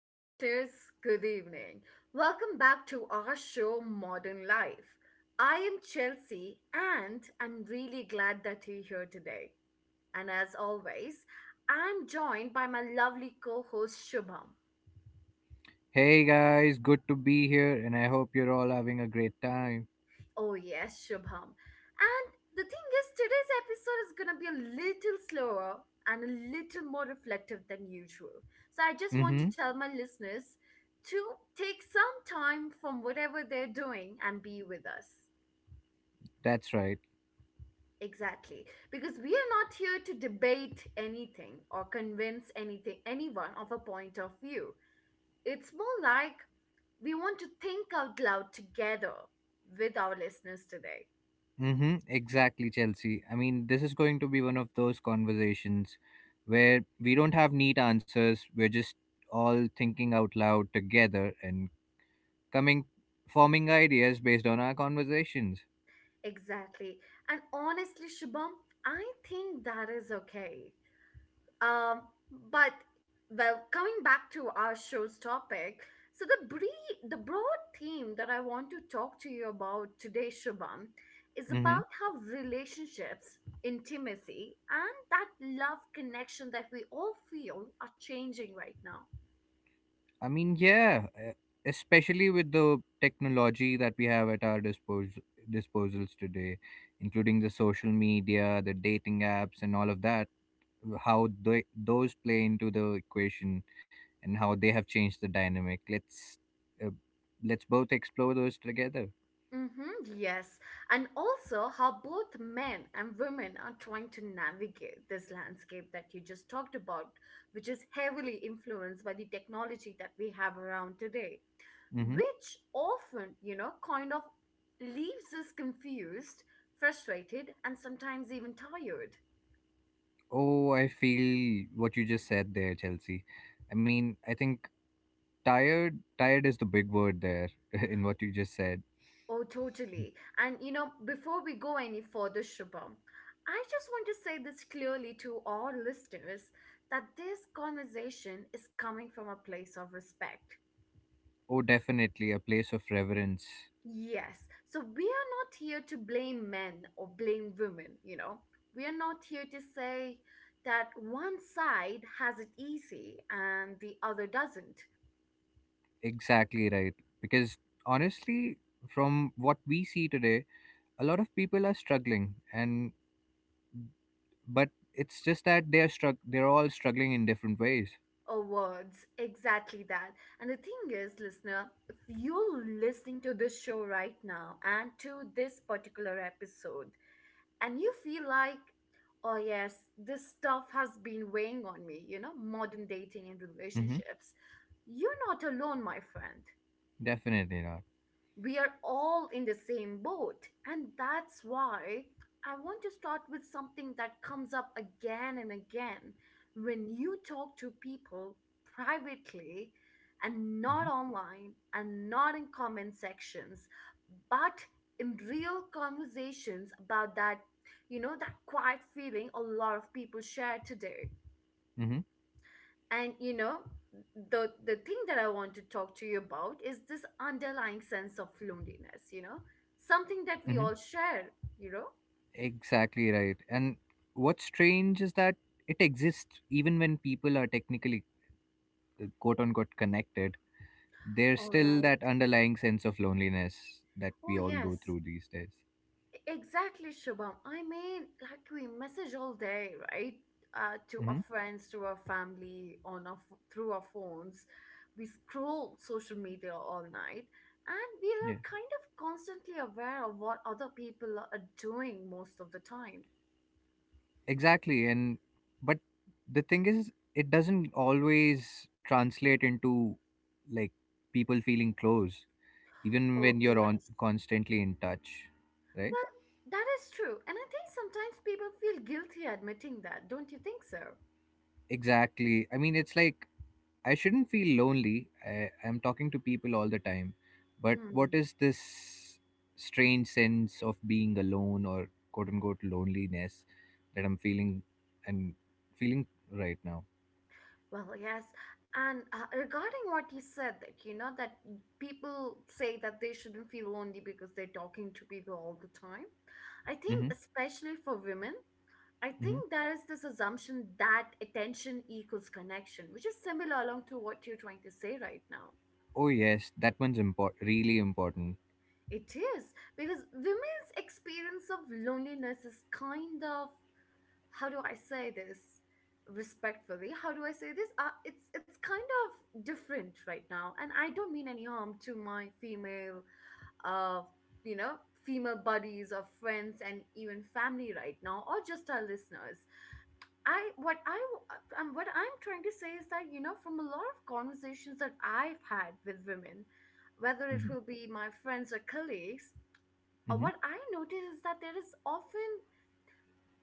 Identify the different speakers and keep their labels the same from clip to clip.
Speaker 1: listeners. Good evening. Welcome back to our show, Modern Life. I am Chelsea, and I'm really glad that you're here today. And as always, I'm joined by my lovely co host, Shubham.
Speaker 2: Hey guys, good to be here, and I hope you're all having a great time.
Speaker 1: Oh, yes, Shubham. And the thing is, today's episode is gonna be a little slower and a little more reflective than usual. So, I just want
Speaker 2: Mm-hmm.
Speaker 1: to tell my listeners to take some time from whatever they're doing and be with us.
Speaker 2: That's right.
Speaker 1: Exactly. Because we are not here to debate anything or convince anyone of a point of view. It's more like we want to think out loud together with our listeners today.
Speaker 2: Mm-hmm. Exactly, Chelsea. I mean, this is going to be one of those conversations where we don't have neat answers. We're just all thinking out loud together and coming forming ideas based on our conversations.
Speaker 1: Exactly. And honestly, Shubham, I think that is okay. Um, but Coming back to our show's topic, so the the broad theme that I want to talk to you about today, Shubham, is
Speaker 2: Mm-hmm.
Speaker 1: about how relationships, intimacy, and that love connection that we all feel are changing right now.
Speaker 2: I mean, yeah, especially with the technology that we have at our disposals today, including the social media, the dating apps, and all of that, how those play into the equation and how they have changed the dynamic. Uh, let's both explore those together.
Speaker 1: Mm-hmm, yes. And also how both men and women are trying to navigate this landscape that you just talked about, which is heavily influenced by the technology that we have around today,
Speaker 2: Hmm
Speaker 1: which often, kind of leaves us confused, frustrated, and sometimes even tired.
Speaker 2: Oh, I feel what you just said there, Chelsea. I mean, I think tired is the big word there in what you just said.
Speaker 1: Oh, totally. And you know, before we go any further, Shubham, I just want to say this clearly to all listeners that this conversation is coming from a place of respect.
Speaker 2: Oh, definitely a place of reverence.
Speaker 1: Yes. So we are not here to blame men or blame women. We are not here to say that one side has it easy and the other doesn't.
Speaker 2: Exactly right. Because honestly, from what we see today, a lot of people are struggling, and but it's just that they are struck. They're all struggling in different ways.
Speaker 1: Awards, exactly that. And the thing is, listener, if you're listening to this show right now and to this particular episode, and you feel like, oh, yes, this stuff has been weighing on me, modern dating and
Speaker 2: Mm-hmm.
Speaker 1: relationships, you're not alone, my friend.
Speaker 2: Definitely not.
Speaker 1: We are all in the same boat. And that's why I want to start with something that comes up again and again. When you talk to people privately and
Speaker 2: Mm-hmm.
Speaker 1: not online and not in comment sections, but in real conversations about that, you know, that quiet feeling a lot of people share today.
Speaker 2: Mm-hmm.
Speaker 1: And you know the the thing that I want to talk to you about is this underlying sense of loneliness, you know, something that we
Speaker 2: Mm-hmm.
Speaker 1: all share, you know.
Speaker 2: Exactly right. And what's strange is that it exists even when people are technically quote unquote connected. There's
Speaker 1: All
Speaker 2: still
Speaker 1: right.
Speaker 2: that underlying sense of loneliness that
Speaker 1: Oh
Speaker 2: we all go
Speaker 1: yes,
Speaker 2: through these days.
Speaker 1: exactly, Shubham. I mean, like, we message all day, right? To our
Speaker 2: Mm-hmm.
Speaker 1: friends, to our family, on our through our phones. We scroll social media all night, and we are
Speaker 2: Yeah.
Speaker 1: kind of constantly aware of what other people are doing most of the time.
Speaker 2: Exactly. And but the thing is, it doesn't always translate into like people feeling close, even
Speaker 1: Oh,
Speaker 2: when you're on
Speaker 1: yes.
Speaker 2: constantly in touch, right?
Speaker 1: Well, that is true. And I think sometimes people feel guilty admitting that, don't you think so?
Speaker 2: Exactly. I mean, it's like I shouldn't feel lonely. I'm talking to people all the time, but what
Speaker 1: Hmm.
Speaker 2: is this strange sense of being alone or quote unquote loneliness that I'm and feeling right now?
Speaker 1: Well, yes. And regarding what you said, that people say that they shouldn't feel lonely because they're talking to people all the time. I think,
Speaker 2: Mm-hmm.
Speaker 1: especially for women, I
Speaker 2: Mm-hmm.
Speaker 1: think there is this assumption that attention equals connection, which is similar along to what you're trying to say right now.
Speaker 2: Oh yes, that one's import really important.
Speaker 1: It is, because women's experience of loneliness is kind of, how do I say this respectfully? How do I say this? It's kind of different right now, and I don't mean any harm to my uh, you know, female buddies or friends and even family right now, or just our listeners. I what I What I'm trying to say is that, you know, from a lot of conversations that I've had with women, whether it
Speaker 2: Hmm
Speaker 1: will be my friends or colleagues,
Speaker 2: hmm
Speaker 1: what I notice is that there is often,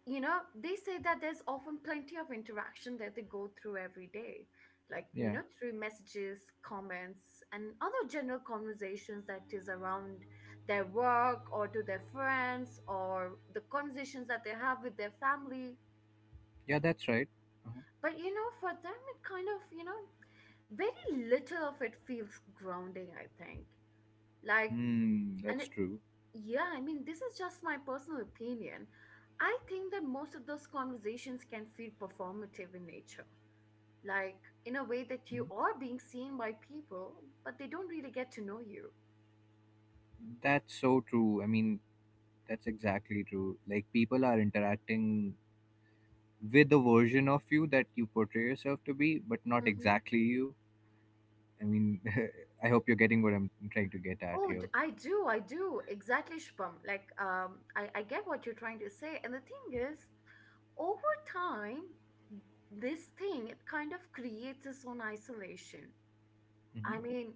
Speaker 1: you know, they say that there's often plenty of interaction that they go through every day, like,
Speaker 2: Yeah,
Speaker 1: you know, through messages, comments, and other general conversations that is around their work or to their friends or the conversations that they have with their family.
Speaker 2: yeah, that's right. uh
Speaker 1: But, for them, it kind of, you know, very little of it feels grounding, I think. Like,
Speaker 2: Hmm,
Speaker 1: and
Speaker 2: that's
Speaker 1: it,
Speaker 2: true.
Speaker 1: Yeah, I mean, this is just my personal opinion. I think that most of those conversations can feel performative in nature, like in a way that
Speaker 2: Hmm
Speaker 1: you are being seen by people, but they don't really get to know you.
Speaker 2: That's so true. I mean, that's exactly true. Like people are interacting with the version of you that you portray yourself to be, but not
Speaker 1: Hmm.
Speaker 2: exactly you. I mean, I hope you're getting what I'm trying to get at
Speaker 1: Oh,
Speaker 2: here.
Speaker 1: I do, I do. Exactly, Shubham. Like, I get what you're trying to say. And the thing is, over time, this thing, it kind of creates its own isolation.
Speaker 2: Hmm
Speaker 1: I mean,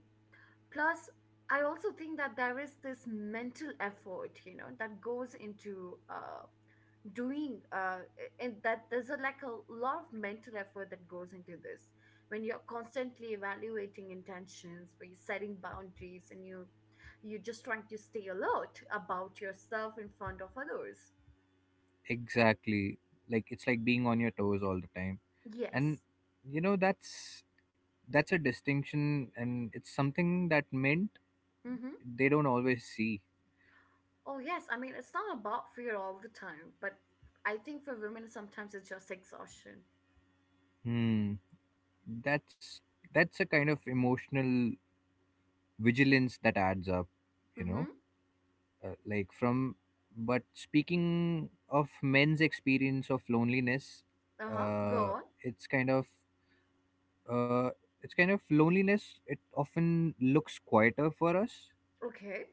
Speaker 1: plus I also think that there is this mental effort, you know, that goes into doing and that there's a, like a lot of mental effort that goes into this when you're constantly evaluating intentions, when you're setting boundaries, and you're just trying to stay alert about yourself in front of others.
Speaker 2: Exactly. Like it's like being on your toes all the time, and
Speaker 1: Yes.
Speaker 2: you know that's a distinction, and it's something that meant
Speaker 1: Mm-hmm.
Speaker 2: they don't always see.
Speaker 1: Oh yes, I mean, it's not about fear all the time, but I think for women sometimes it's just exhaustion.
Speaker 2: Hmm. That's that's a kind of emotional vigilance that adds up, you know.
Speaker 1: Mm-hmm.
Speaker 2: Uh, like from, but speaking of men's experience of loneliness,
Speaker 1: Uh-huh, go
Speaker 2: uh,
Speaker 1: on.
Speaker 2: it's kind of uh, it's kind of loneliness. It often looks quieter for us
Speaker 1: Okay.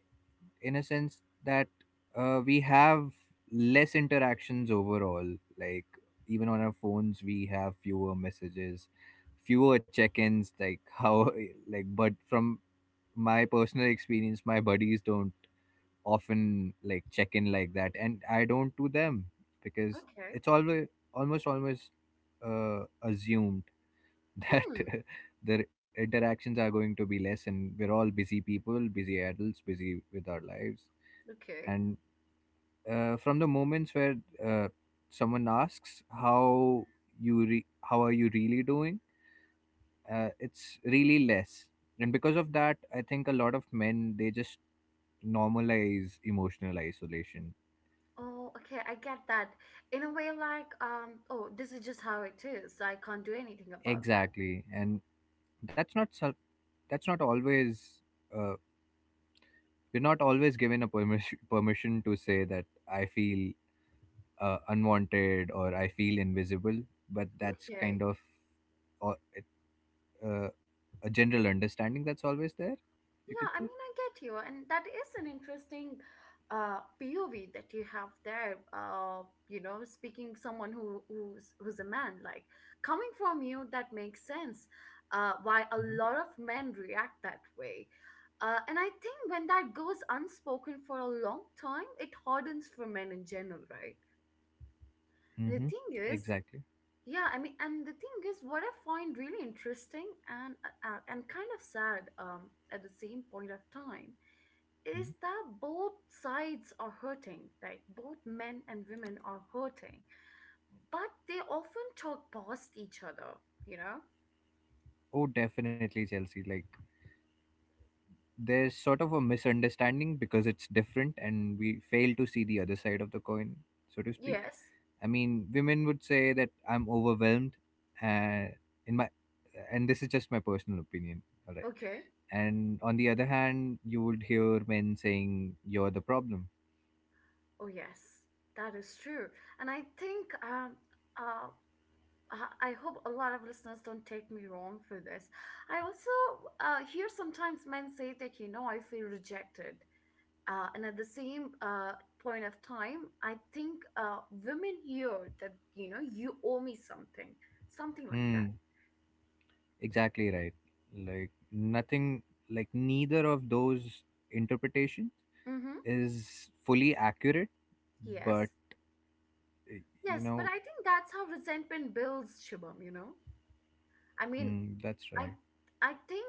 Speaker 2: in a sense that we have less interactions overall. Like even on our phones we have fewer messages, fewer check-ins, like how like but from my personal experience my buddies don't often like check in like that, and I don't to them because
Speaker 1: Okay.
Speaker 2: it's always almost always assumed that
Speaker 1: Hmm.
Speaker 2: the interactions are going to be less, and we're all busy people, busy adults, busy with our lives.
Speaker 1: Okay.
Speaker 2: And from the moments where uh, someone asks how are you really doing, it's really less. And because of that, I think a lot of men they just normalize emotional isolation.
Speaker 1: Oh, okay. I get that. In a way, like, oh, this is just how it is, so I can't do anything about that.
Speaker 2: Exactly, and that's not sel- that's not always uh, we're not always given a permission permission to say that I feel unwanted or I feel invisible, but that's kind
Speaker 1: Okay.
Speaker 2: of or uh, a general understanding that's always there, you
Speaker 1: Yeah,
Speaker 2: could
Speaker 1: I
Speaker 2: say.
Speaker 1: mean, I get you, and that is an interesting POV that you have there. You know, speaking someone who's a man, like, coming from you, that makes sense. Why a lot
Speaker 2: Mm-hmm.
Speaker 1: of men react that way, and I think when that goes unspoken for a long time, it hardens for men in general, right? And the
Speaker 2: Mm-hmm.
Speaker 1: thing is,
Speaker 2: Exactly.
Speaker 1: yeah, I mean, and the thing is, what I find really interesting and kind of sad, at the same point of time, is
Speaker 2: Mhm.
Speaker 1: that both sides are hurting, like both men and women are hurting, but they often talk past each other, you know?
Speaker 2: Oh definitely, Chelsea. Like there's sort of a misunderstanding because it's different and we fail to see the other side of the coin, so to speak.
Speaker 1: Yes,
Speaker 2: I mean, women would say that I'm overwhelmed uh, in my and this is just my personal opinion, all right,
Speaker 1: okay,
Speaker 2: and on the other hand you would hear men saying you're the problem.
Speaker 1: oh yes, that is true. And I think, uh, I hope a lot of listeners don't take me wrong for this. I also hear sometimes men say that, you know, I feel rejected. And at the same point of time, I think women hear that, you know, you owe me something, something like that.
Speaker 2: Hmm Exactly right. Like nothing, like neither of those interpretations
Speaker 1: Mm-hmm.
Speaker 2: is fully accurate, but
Speaker 1: Yes.
Speaker 2: uh, you
Speaker 1: Yes. But
Speaker 2: know,
Speaker 1: I think that's how resentment builds, Shubham, you know? I mean,
Speaker 2: mm, that's
Speaker 1: I,
Speaker 2: right.
Speaker 1: I think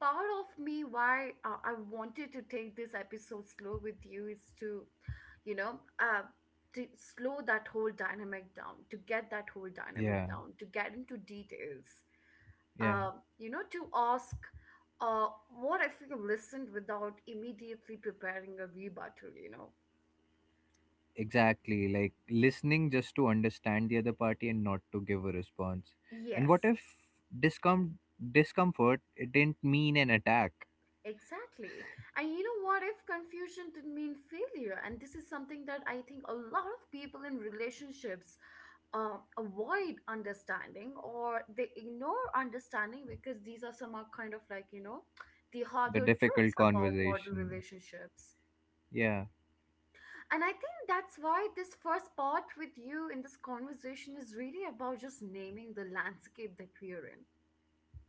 Speaker 1: part of me why I wanted to take this episode slow with you is to, you know, uh, to slow that whole dynamic down, to get that whole dynamic
Speaker 2: Yeah,
Speaker 1: down, to get into details,
Speaker 2: yeah,
Speaker 1: you know, to ask, what if you listened without immediately preparing a rebuttal, you know?
Speaker 2: exactly. Like listening just to understand the other party and not to give a response. And what
Speaker 1: Yes,
Speaker 2: if discom- discomfort it didn't mean an attack?
Speaker 1: exactly. And you know, what if confusion didn't mean failure? And this is something that I think a lot of people in relationships avoid understanding or they ignore understanding because these are some are kind of like, you know, the
Speaker 2: The
Speaker 1: harder truths
Speaker 2: difficult
Speaker 1: about modern
Speaker 2: conversation.
Speaker 1: relationships.
Speaker 2: Yeah.
Speaker 1: And I think that's why this first part with you in this conversation is really about just naming the landscape that we're in.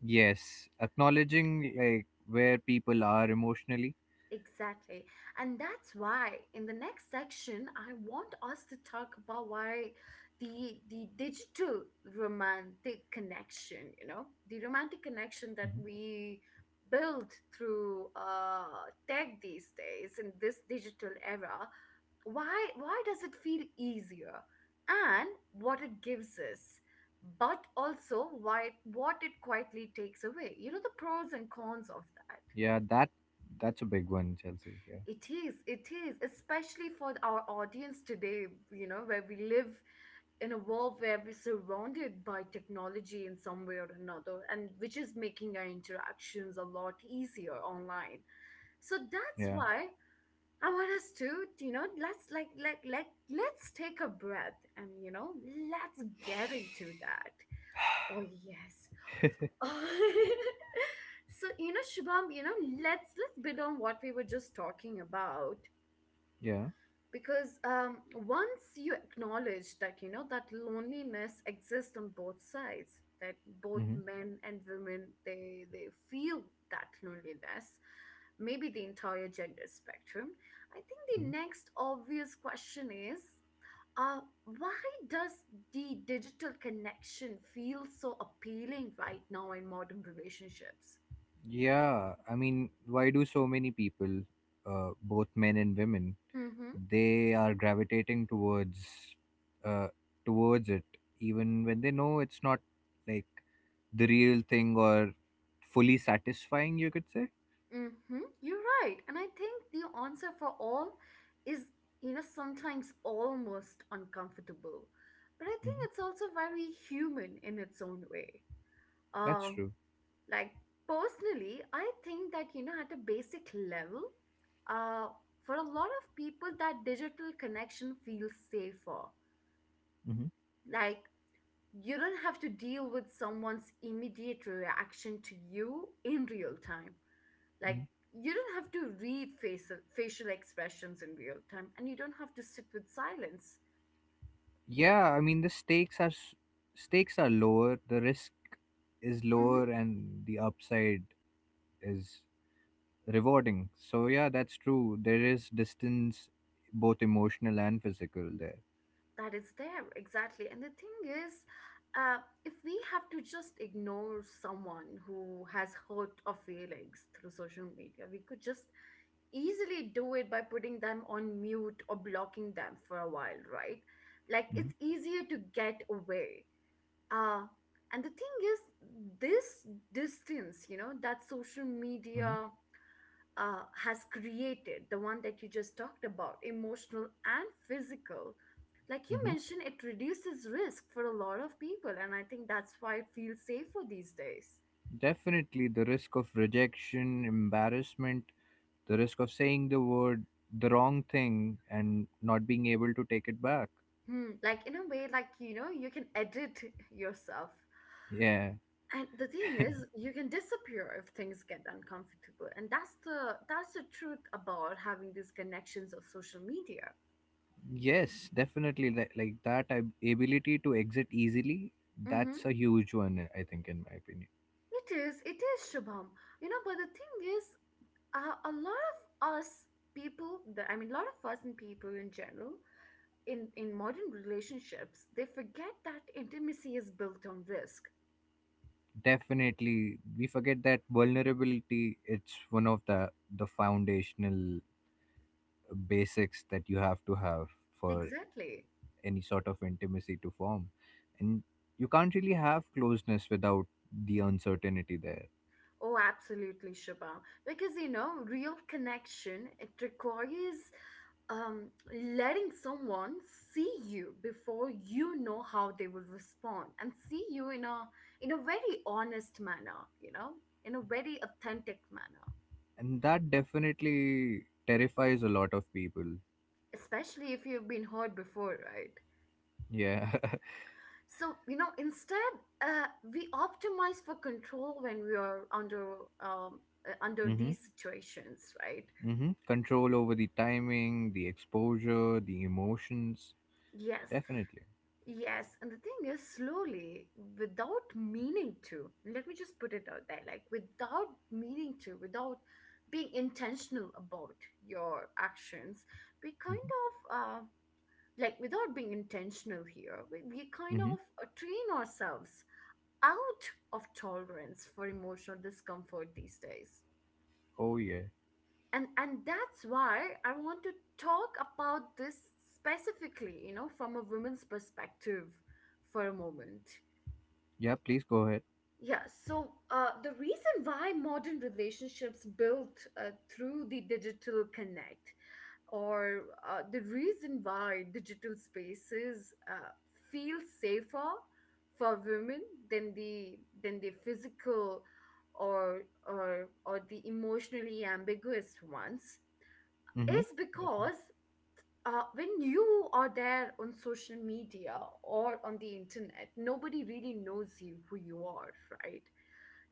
Speaker 2: Yes. Acknowledging like where people are emotionally.
Speaker 1: Exactly. And that's why in the next section, I want us to talk about why the digital romantic connection, you know, the romantic connection that
Speaker 2: Mm-hmm.
Speaker 1: we build through tech these days in this digital era, why does it feel easier, and what it gives us, but also why what it quietly takes away, you know, the pros and cons of that.
Speaker 2: Yeah, that's a big one, Chelsea. Yeah,
Speaker 1: It is, it is, especially for our audience today, you know, where we live in a world where we're surrounded by technology in some way or another, and which is making our interactions a lot easier online. So that's
Speaker 2: yeah,
Speaker 1: why I want us to, you know, let's like let's take a breath and, you know, let's get into that. Oh yes. Oh. So you know, Shubham, you know, let's build on what we were just talking about,
Speaker 2: yeah.
Speaker 1: because once you acknowledge that, you know, that loneliness exists on both sides, that both
Speaker 2: hmm
Speaker 1: men and women they feel that loneliness, maybe the entire gender spectrum, I think the
Speaker 2: hmm
Speaker 1: next obvious question is, uh, why does the digital connection feel so appealing right now in modern relationships?
Speaker 2: Yeah, I mean, why do so many people, both men and women,
Speaker 1: Mhm.
Speaker 2: they are gravitating uh, towards it, even when they know it's not like the real thing or fully satisfying, you could say.
Speaker 1: Mm-hmm. You're right. And I think the answer for all is, you know, sometimes almost uncomfortable. But I think
Speaker 2: Hmm
Speaker 1: it's also very human in its own way.
Speaker 2: That's
Speaker 1: Um,
Speaker 2: true.
Speaker 1: like, personally, I think that, you know, at a basic level, uh, for a lot of people, that digital connection feels safer.
Speaker 2: Hmm
Speaker 1: Like, you don't have to deal with someone's immediate reaction to you in real time.
Speaker 2: hmm
Speaker 1: Like you don't have to read facial expressions in real time, and you don't have to sit with silence
Speaker 2: Yeah, I mean, the stakes are s- stakes are lower, the risk is
Speaker 1: hmm
Speaker 2: lower, and the upside is rewarding. So yeah, that's true. There is distance, both emotional and physical there.
Speaker 1: that is there exactly. And the thing is, uh, if we have to just ignore someone who has hurt our feelings through social media, we could just easily do it by putting them on mute or blocking them for a while, right? Like, it's
Speaker 2: Hmm
Speaker 1: easier to get away. uh, and the thing is, this distance, you know, that social
Speaker 2: hmm
Speaker 1: media has created, the one that you just talked about, emotional and physical, like you
Speaker 2: hmm
Speaker 1: mentioned, it reduces risk for a lot of people. And I think that's why it feels safer these days.
Speaker 2: Definitely, the risk of rejection, embarrassment, the risk of saying the wrong thing, and not being able to take it back.
Speaker 1: Hmm. Like, in a way, like, you know, you can edit yourself.
Speaker 2: Yeah.
Speaker 1: And the thing is, you can disappear if things get uncomfortable. And that's the truth about having these connections of social media.
Speaker 2: Yes, definitely. Like that ability to exit easily, that's
Speaker 1: Mm-hmm.
Speaker 2: a huge one, I think, in my opinion.
Speaker 1: It is, Shubham. You know, but the thing is, a lot of us people, that I mean a lot of us and people in general in modern relationships, they forget that intimacy is built on risk
Speaker 2: Definitely, we forget that vulnerability, it's one of the foundational basics that you have to have for
Speaker 1: exactly.
Speaker 2: any sort of intimacy to form, and you can't really have closeness without the uncertainty there.
Speaker 1: Oh, absolutely, Shubha, because, you know, real connection, it requires letting someone see you before you know how they will respond, and see you in a very honest manner, you know, in a very authentic manner,
Speaker 2: And that definitely terrifies a lot of people.
Speaker 1: especially if you've been hurt before, right?
Speaker 2: Yeah.
Speaker 1: So, you know, instead, we optimize for control when we are under um, under
Speaker 2: Mm-hmm.
Speaker 1: these situations, right?
Speaker 2: Mm-hmm. Control over the timing, the exposure, the emotions,
Speaker 1: Yes,
Speaker 2: definitely.
Speaker 1: yes. And the thing is, slowly, without meaning to, let me just put it out there, like, without meaning to, without being intentional about your actions, we kind
Speaker 2: Mm-hmm.
Speaker 1: of like without being intentional here, we kind
Speaker 2: Mm-hmm.
Speaker 1: of train ourselves out of tolerance for emotional discomfort these days.
Speaker 2: Oh yeah.
Speaker 1: And that's why I want to talk about this specifically, you know, from a woman's perspective for a moment.
Speaker 2: Yeah, please go ahead.
Speaker 1: Yeah, so the reason why modern relationships built through the digital connect, or the reason why digital spaces feel safer for women than the physical, or or the emotionally ambiguous ones,
Speaker 2: Mm-hmm.
Speaker 1: is
Speaker 2: Definitely.
Speaker 1: because when you are there on social media or on the internet, nobody really knows you, who you are, right?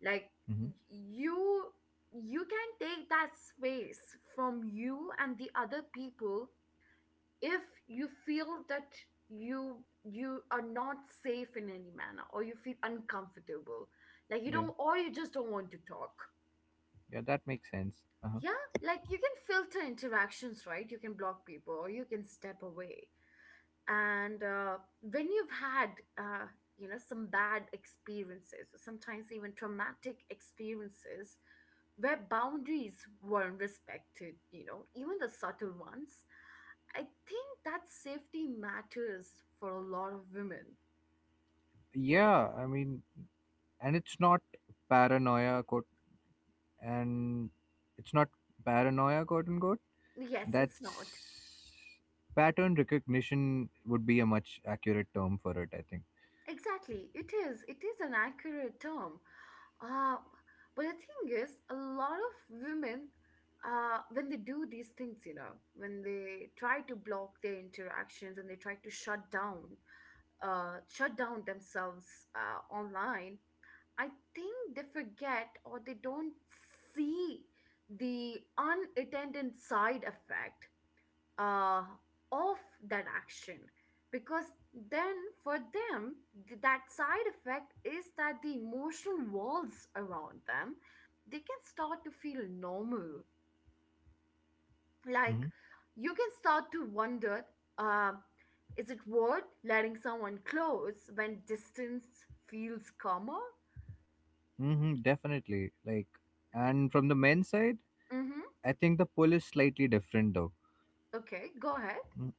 Speaker 1: Like,
Speaker 2: Mm-hmm.
Speaker 1: you can take that space from you and the other people if you feel that you are not safe in any manner, or you feel uncomfortable, like you
Speaker 2: Yeah,
Speaker 1: don't, or you just don't want to talk.
Speaker 2: yeah, that makes sense. Uh-huh.
Speaker 1: Yeah, like, you can filter interactions, right? You can block people, or you can step away. And when you've had uh, you know, some bad experiences, sometimes even traumatic experiences, where boundaries weren't respected, you know, even the subtle ones, I think that safety matters for a lot of women.
Speaker 2: Yeah, I mean, and it's not paranoia quote and it's not paranoia quote unquote,
Speaker 1: Yes, it's not.
Speaker 2: that's pattern recognition would be a much accurate term for it, I think.
Speaker 1: Exactly, it is. It is an accurate term. Uh, but the thing is, a lot of women, when they do these things, you know, when they try to block their interactions and they try to shut down themselves online, I think they forget, or they don't see the unattended side effect uh, of that action, because then for them, that side effect is that the emotional walls around them, they can start to feel normal. Like,
Speaker 2: Hmm
Speaker 1: you can start to wonder, uh, is it worth letting someone close when distance feels calmer?
Speaker 2: hmm definitely. And from the men's side
Speaker 1: Mm-hmm.
Speaker 2: I think the pull is slightly different though.
Speaker 1: Okay, go ahead.
Speaker 2: Mm.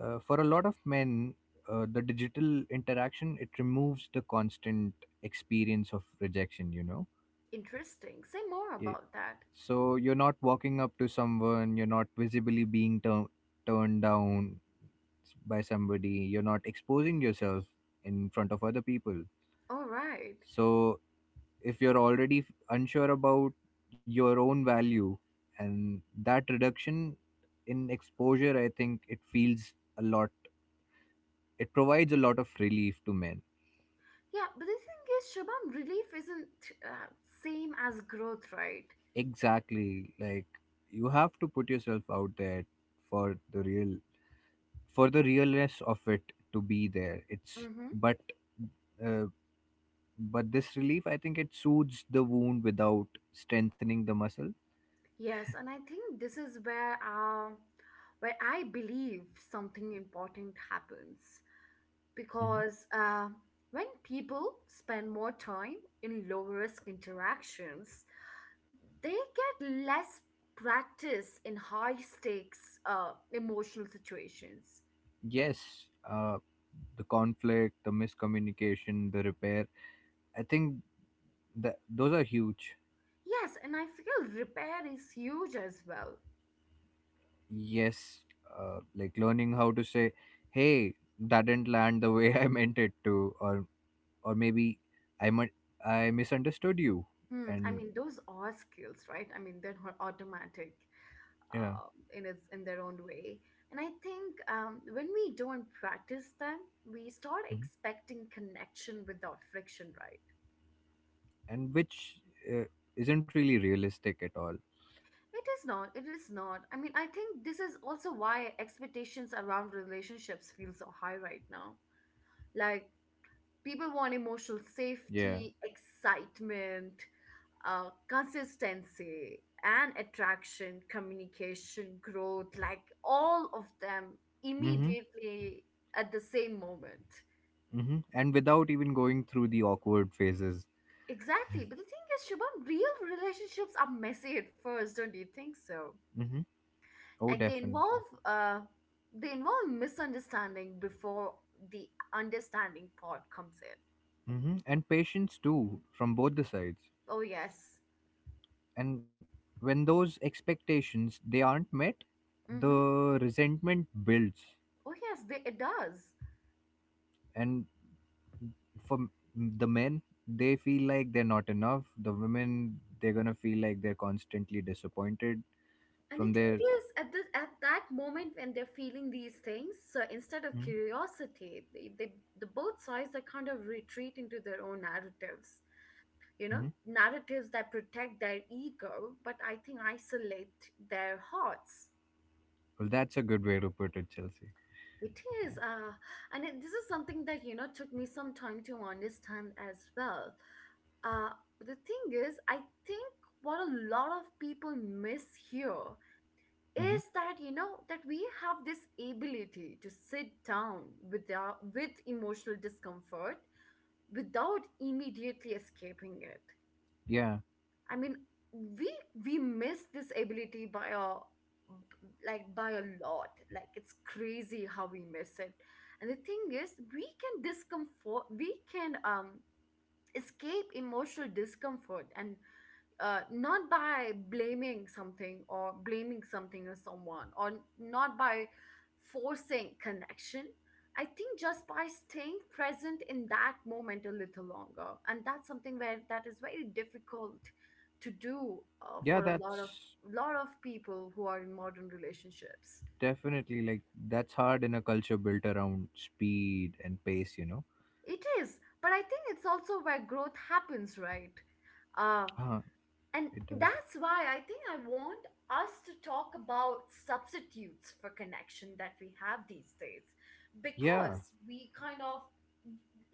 Speaker 2: For a lot of men the digital interaction it removes the constant experience of rejection, you know.
Speaker 1: Interesting, say more about that.
Speaker 2: So you're not walking up to someone, you're not visibly being turned down by somebody, you're not exposing yourself in front of other people.
Speaker 1: All right.
Speaker 2: So if you're already unsure about your own value, and that reduction in exposure, I think it feels a lot, it provides a lot of relief to men.
Speaker 1: Yeah, but the thing is, Shabam, relief isn't uh, same as growth, right?
Speaker 2: Exactly. Like you have to put yourself out there for the realness of it to be there, it's
Speaker 1: Mm-hmm.
Speaker 2: uh, but this relief I think it soothes the wound without strengthening the muscle.
Speaker 1: Yes, and I think this is where I believe something important happens,
Speaker 2: Mhm.
Speaker 1: because when people spend more time in low risk interactions, they get less practice in high stakes emotional situations.
Speaker 2: Yes, uh, the conflict, the miscommunication, the repair, I think that those are huge.
Speaker 1: Yes, and I feel repair is huge as well.
Speaker 2: Yes, like learning how to say hey that didn't land the way I meant it to, or or maybe i might I misunderstood you,
Speaker 1: Hmm. I
Speaker 2: and
Speaker 1: mean, those are skills, right? I mean, they're not automatic
Speaker 2: yeah
Speaker 1: uh, in its in their own way. And I think when we don't practice them, we start expecting connection without friction, right?
Speaker 2: and which uh, isn't really realistic at all.
Speaker 1: It is not. It is not. I mean, I think this is also why expectations around relationships feel so high right now. Like, people want emotional
Speaker 2: Yeah.
Speaker 1: safety, excitement, consistency, and attraction, communication, growth, like all of them
Speaker 2: Mm-hmm.
Speaker 1: immediately at the same moment.
Speaker 2: Mm-hmm. And without even going through the awkward phases.
Speaker 1: Exactly. But the thing is, Shubham, real relationships are messy at first, don't you think so?
Speaker 2: Mm-hmm. Oh,
Speaker 1: Like,
Speaker 2: definitely.
Speaker 1: they involve misunderstanding before the understanding part comes in.
Speaker 2: Mm-hmm. And patience too, from both the sides.
Speaker 1: Oh yes.
Speaker 2: And when those expectations they aren't met,
Speaker 1: Mm-hmm.
Speaker 2: the resentment builds.
Speaker 1: Oh yes, they, it does.
Speaker 2: And for the men, they feel like they're not enough. The women, they're gonna feel like they're constantly disappointed
Speaker 1: And the
Speaker 2: from their.
Speaker 1: thing is, at this at that moment when they're feeling these things, so instead of
Speaker 2: Mm-hmm.
Speaker 1: curiosity, the both sides, they kind of retreat into their own narratives. You know,
Speaker 2: Mm-hmm.
Speaker 1: narratives that protect their ego, but I think isolate their hearts.
Speaker 2: Well, that's a good way to put it, Chelsea.
Speaker 1: It
Speaker 2: Yeah.
Speaker 1: is, and it, this is something that, you know, took me some time to understand as well. Uh, the thing is, I think what a lot of people miss here is
Speaker 2: Mhm.
Speaker 1: that, you know, that we have this ability to sit down with our, with emotional discomfort without immediately escaping it.
Speaker 2: Yeah,
Speaker 1: I mean, we we miss this ability by a like by a lot. Like, it's crazy how we miss it. And the thing is, we can escape emotional discomfort, and not by blaming something, or blaming something or someone, or not by forcing connection, I think just by staying present in that moment a little longer. And that's something where that is very difficult to do
Speaker 2: yeah,
Speaker 1: for a
Speaker 2: that's
Speaker 1: lot of people who are in modern relationships.
Speaker 2: Definitely, like that's hard in a culture built around speed and pace, you know.
Speaker 1: It is, but I think it's also where growth happens, right? Uh,
Speaker 2: Uh,
Speaker 1: And
Speaker 2: it does.
Speaker 1: that's why I think I want us to talk about substitutes for connection that we have these days.
Speaker 2: Yeah,
Speaker 1: Because we kind of,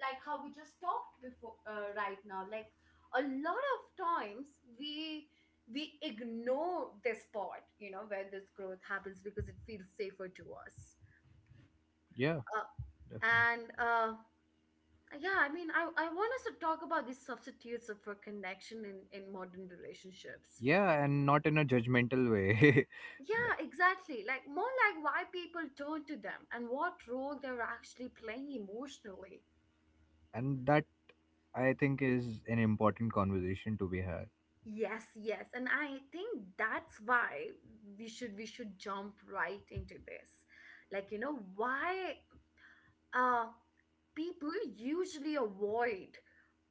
Speaker 1: like how we just talked before, right now, like, a lot of times, we we ignore this part, you know, where this growth happens, because it feels safer to us.
Speaker 2: yeah,
Speaker 1: uh,
Speaker 2: definitely.
Speaker 1: and yeah, I mean, I want us to talk about these substitutes for connection in modern relationships.
Speaker 2: Yeah, and not in a judgmental way, but
Speaker 1: Yeah, exactly. Like, more like why people turn to them and what role they're actually playing emotionally.
Speaker 2: and that I think is an important conversation to be had.
Speaker 1: Yes, yes. And I think that's why we should jump right into this. Like, you know, why uh people usually avoid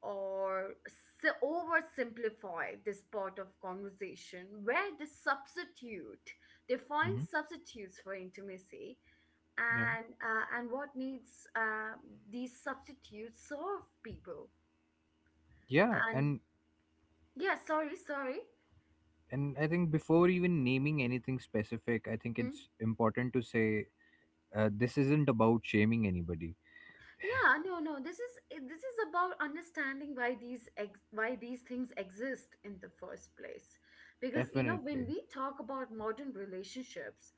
Speaker 1: or oversimplify this part of conversation where they find
Speaker 2: Hmm
Speaker 1: substitutes for intimacy,
Speaker 2: Yeah,
Speaker 1: and what needs these substitutes serve people,
Speaker 2: yeah,
Speaker 1: and
Speaker 2: and
Speaker 1: yeah, sorry.
Speaker 2: and I think before even naming anything specific, I think
Speaker 1: Mm.
Speaker 2: it's important to say this isn't about shaming anybody.
Speaker 1: Yeah, no, no, this is about understanding why why these things exist in the first place, because, you know, when
Speaker 2: Definitely.
Speaker 1: we talk about modern relationships,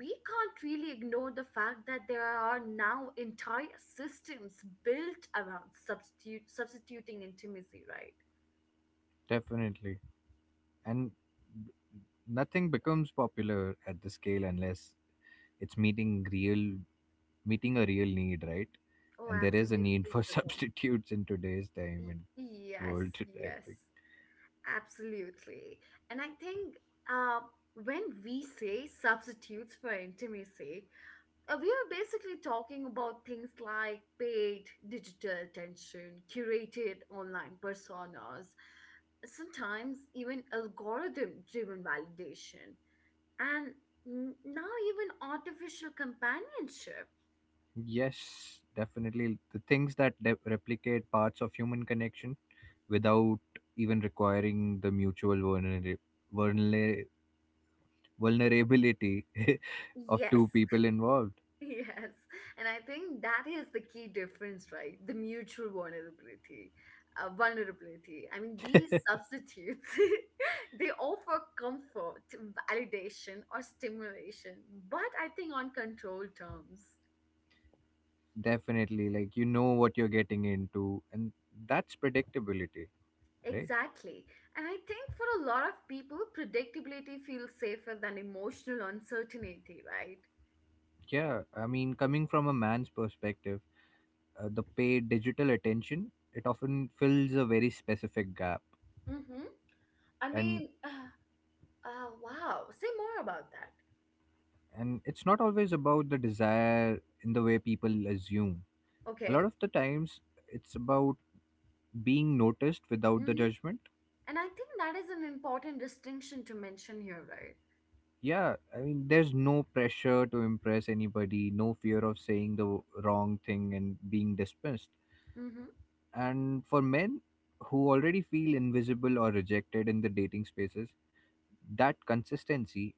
Speaker 1: we can't really ignore the fact that there are now entire systems built around substitute substituting intimacy, right?
Speaker 2: Definitely, and nothing becomes popular at the scale unless it's meeting a real need, right?
Speaker 1: Oh,
Speaker 2: And there is a
Speaker 1: absolutely,
Speaker 2: need for
Speaker 1: Shubham.
Speaker 2: substitutes in today's time
Speaker 1: Y-
Speaker 2: and
Speaker 1: Yes,
Speaker 2: world, I
Speaker 1: yes,
Speaker 2: think.
Speaker 1: absolutely. And I think uh, when we say substitutes for intimacy, we are basically talking about things like paid digital attention, curated online personas, sometimes even algorithm driven validation, and now even artificial companionship.
Speaker 2: Yes, definitely. The things that replicate parts of human connection without even requiring the mutual vulnera- vulnerability of
Speaker 1: Yes,
Speaker 2: two people involved.
Speaker 1: Yes, and I think that is the key difference, right? The mutual vulnerability, vulnerability. I mean, these substitutes, they offer comfort, validation, or stimulation, but I think on controlled terms.
Speaker 2: Definitely, like you know what you're getting into, and that's predictability, right?
Speaker 1: Exactly. And I think for a lot of people, predictability feels safer than emotional uncertainty, right?
Speaker 2: Yeah, I mean, coming from a man's perspective, the paid digital attention it often fills a very specific gap,
Speaker 1: Mm-hmm. I
Speaker 2: and
Speaker 1: mean, wow. Say more about that.
Speaker 2: and it's not always about the desire in the way people assume. A lot
Speaker 1: Okay.
Speaker 2: of the times, it's about being noticed without the
Speaker 1: Mm-hmm.
Speaker 2: judgment.
Speaker 1: And I think that is an important distinction to mention here, right?
Speaker 2: Yeah, I mean, there's no pressure to impress anybody, no fear of saying the wrong thing and being dismissed.
Speaker 1: Hmm.
Speaker 2: And for men who already feel invisible or rejected in the dating spaces, that consistency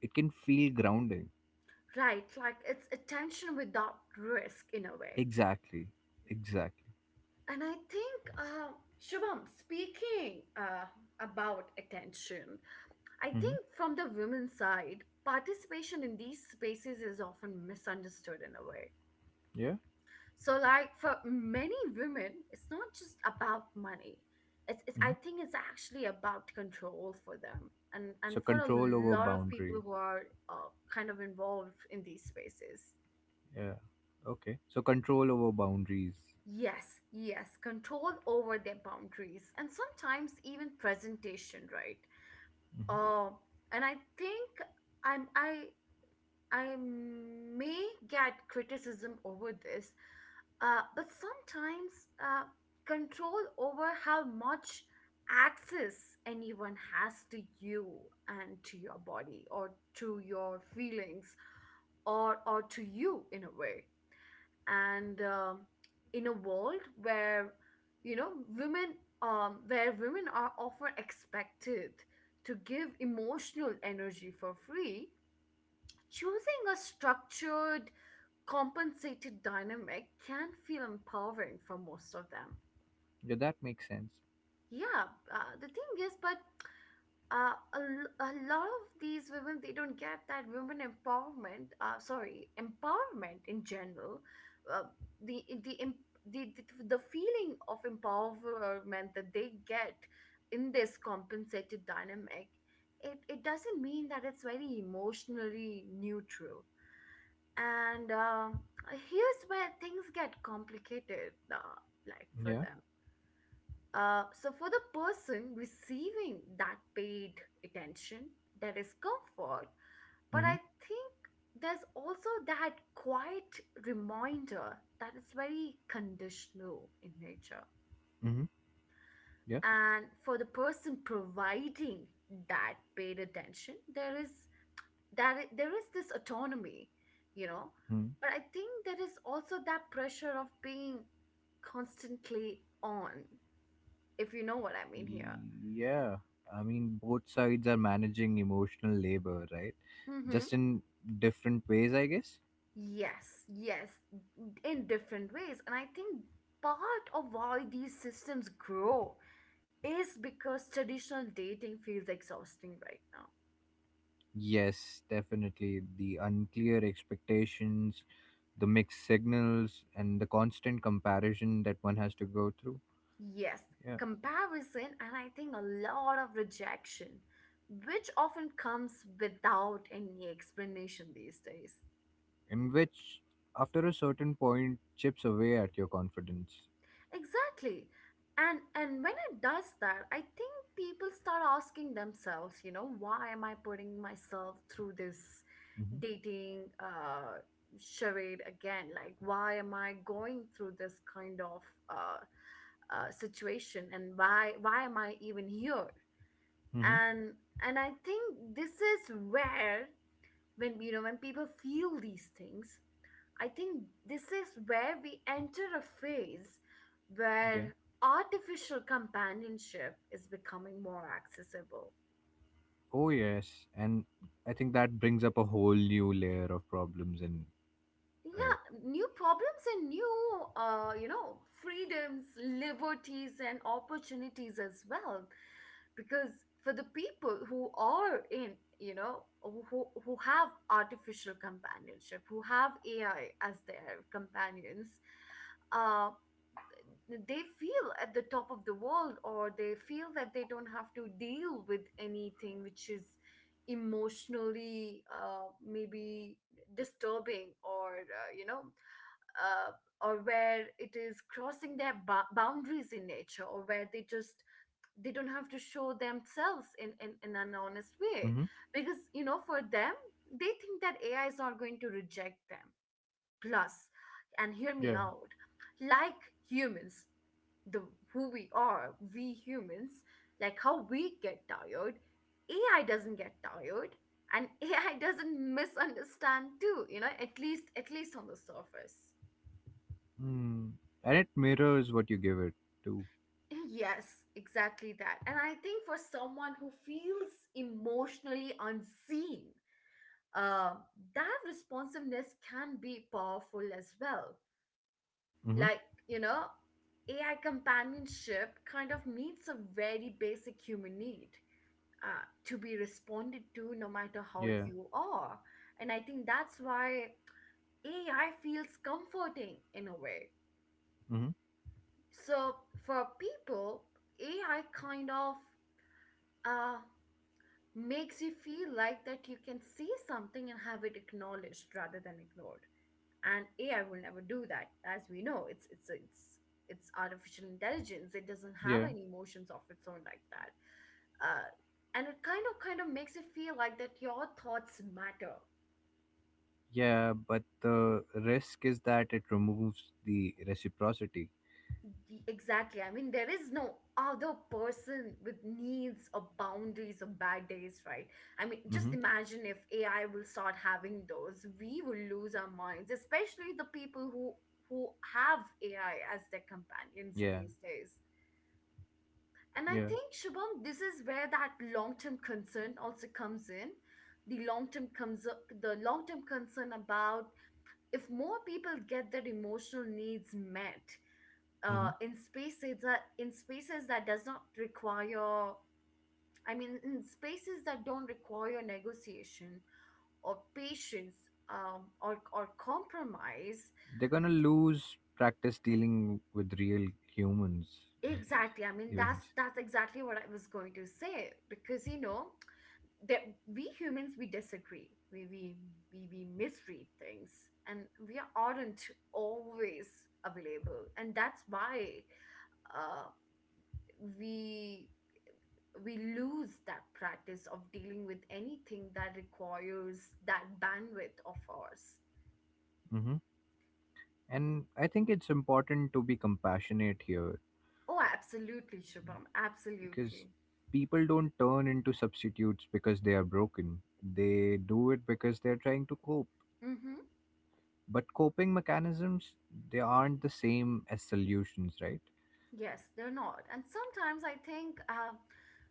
Speaker 2: it can feel grounding.
Speaker 1: Right, like, it's attention without risk in a way.
Speaker 2: Exactly. Exactly.
Speaker 1: And I think, Shubham, speaking about attention, I
Speaker 2: hmm
Speaker 1: think from the women's side, participation in these spaces is often misunderstood in a way.
Speaker 2: Yeah.
Speaker 1: So, like, for many women, it's not just about money. It's I
Speaker 2: hmm
Speaker 1: think it's actually about control for them. And
Speaker 2: So
Speaker 1: for a
Speaker 2: control over
Speaker 1: lot of
Speaker 2: boundaries.
Speaker 1: people who are kind of involved in these spaces.
Speaker 2: Yeah. Okay. So control over boundaries.
Speaker 1: Yes, yes, control over their boundaries and sometimes even presentation, right?
Speaker 2: Hmm
Speaker 1: Uh, and I think I'm I I may get criticism over this. But sometimes uh, control over how much access anyone has to you, and to your body, or to your feelings, or to you in a way. And in a world where, you know, women where women are often expected to give emotional energy for free, choosing a structured, compensated dynamic can feel empowering for most of them.
Speaker 2: Yeah, that makes sense.
Speaker 1: Yeah, the thing is, but a lot of these women, they don't get that women empowerment. Sorry, empowerment in general. Uh, the the, em- the the feeling of empowerment that they get in this compensated dynamic. It doesn't mean that it's very emotionally neutral. And here's where things get complicated, like for
Speaker 2: Yeah.
Speaker 1: them. So for the person receiving that paid attention, there is comfort, but
Speaker 2: hmm
Speaker 1: I think there's also that quiet reminder that it's very conditional in nature.
Speaker 2: hmm Yeah.
Speaker 1: And for the person providing that paid attention, there is there is this autonomy, you know,
Speaker 2: hmm
Speaker 1: but I think there is also that pressure of being constantly on, if you know what I mean here.
Speaker 2: Yeah. I mean, both sides are managing emotional labor, right?
Speaker 1: Mm-hmm.
Speaker 2: Just in different ways, I guess.
Speaker 1: Yes, yes, in different ways. And I think part of why these systems grow is because traditional dating feels exhausting right now.
Speaker 2: Yes, definitely. The unclear expectations, the mixed signals, and the constant comparison that one has to go through.
Speaker 1: Yes.
Speaker 2: Yeah.
Speaker 1: Comparison. And I think a lot of rejection which often comes without any explanation these days.
Speaker 2: In which, after a certain point, chips away at your confidence.
Speaker 1: Exactly. And when it does that, I think people start asking themselves, you know, why am I putting myself through this
Speaker 2: Mm-hmm.
Speaker 1: dating charade again? Like, why am I going through this kind of uh, situation, and why am I even here?
Speaker 2: Mm-hmm.
Speaker 1: And and I think this is where, when, you know, when people feel these things, I think this is where we enter a phase
Speaker 2: Yeah.
Speaker 1: where artificial companionship is becoming more accessible.
Speaker 2: Oh, yes. And I think that brings up a whole new layer of problems. Uh,
Speaker 1: Yeah, new problems and new, you know, freedoms, liberties, and opportunities as well. Because for the people who are in, you know, who have artificial companionship, who have AI as their companions, uh, they feel at the top of the world, or they feel that they don't have to deal with anything which is emotionally, maybe disturbing, or uh, or where it is crossing their boundaries in nature, or where they just they don't have to show themselves in an honest way.
Speaker 2: mm-hmm.
Speaker 1: Because, you know, for them, they think that ai is not going to reject them. Plus, and hear me
Speaker 2: Yeah.
Speaker 1: out, like humans, the who we are, we humans, like how we get tired, AI doesn't get tired. And AI doesn't misunderstand too, you know, at least on the surface.
Speaker 2: Mm. And it mirrors what you give it to.
Speaker 1: Yes, exactly that. And I think for someone who feels emotionally unseen, uh, that responsiveness can be powerful as well.
Speaker 2: Mm-hmm.
Speaker 1: Like, you know, AI companionship kind of meets a very basic human need. To be responded to no matter how
Speaker 2: Yeah.
Speaker 1: you are. And I think that's why AI feels comforting in a way.
Speaker 2: Mm-hmm.
Speaker 1: So for people, AI kind of uh, makes you feel like that you can see something and have it acknowledged rather than ignored. And AI will never do that. As we know, it's artificial intelligence. It doesn't have
Speaker 2: Yeah.
Speaker 1: any emotions of its own like that. Uh, and it kind of makes it feel like that your thoughts matter.
Speaker 2: Yeah, but the risk is that it removes the reciprocity.
Speaker 1: Exactly. I mean, there is no other person with needs or boundaries or bad days, right? I mean, just
Speaker 2: Hmm
Speaker 1: imagine if AI will start having those, we will lose our minds, especially the people who have AI as their companions
Speaker 2: Yeah,
Speaker 1: these days. And I
Speaker 2: yeah.
Speaker 1: think, Shubham, this is where that long-term concern also comes in. The long-term concern about if more people get their emotional needs met,
Speaker 2: hmm
Speaker 1: in spaces that does not require, I mean, in spaces that don't require negotiation or patience, or compromise.
Speaker 2: They're gonna lose practice dealing with real humans
Speaker 1: Exactly. I mean, that's
Speaker 2: eventually.
Speaker 1: that's exactly what I was going to say, because, you know, that we humans, we disagree, we misread things, and we aren't always available, and that's why, uh, we we lose that practice of dealing with anything that requires that bandwidth of ours.
Speaker 2: Hmm. And I think it's important to be compassionate here
Speaker 1: Oh, absolutely, Shubham,
Speaker 2: because
Speaker 1: absolutely.
Speaker 2: people don't turn into substitutes because they are broken. They do it because they're trying to cope.
Speaker 1: Mm-hmm.
Speaker 2: But coping mechanisms, they aren't the same as solutions, right?
Speaker 1: Yes, they're not. And sometimes I think,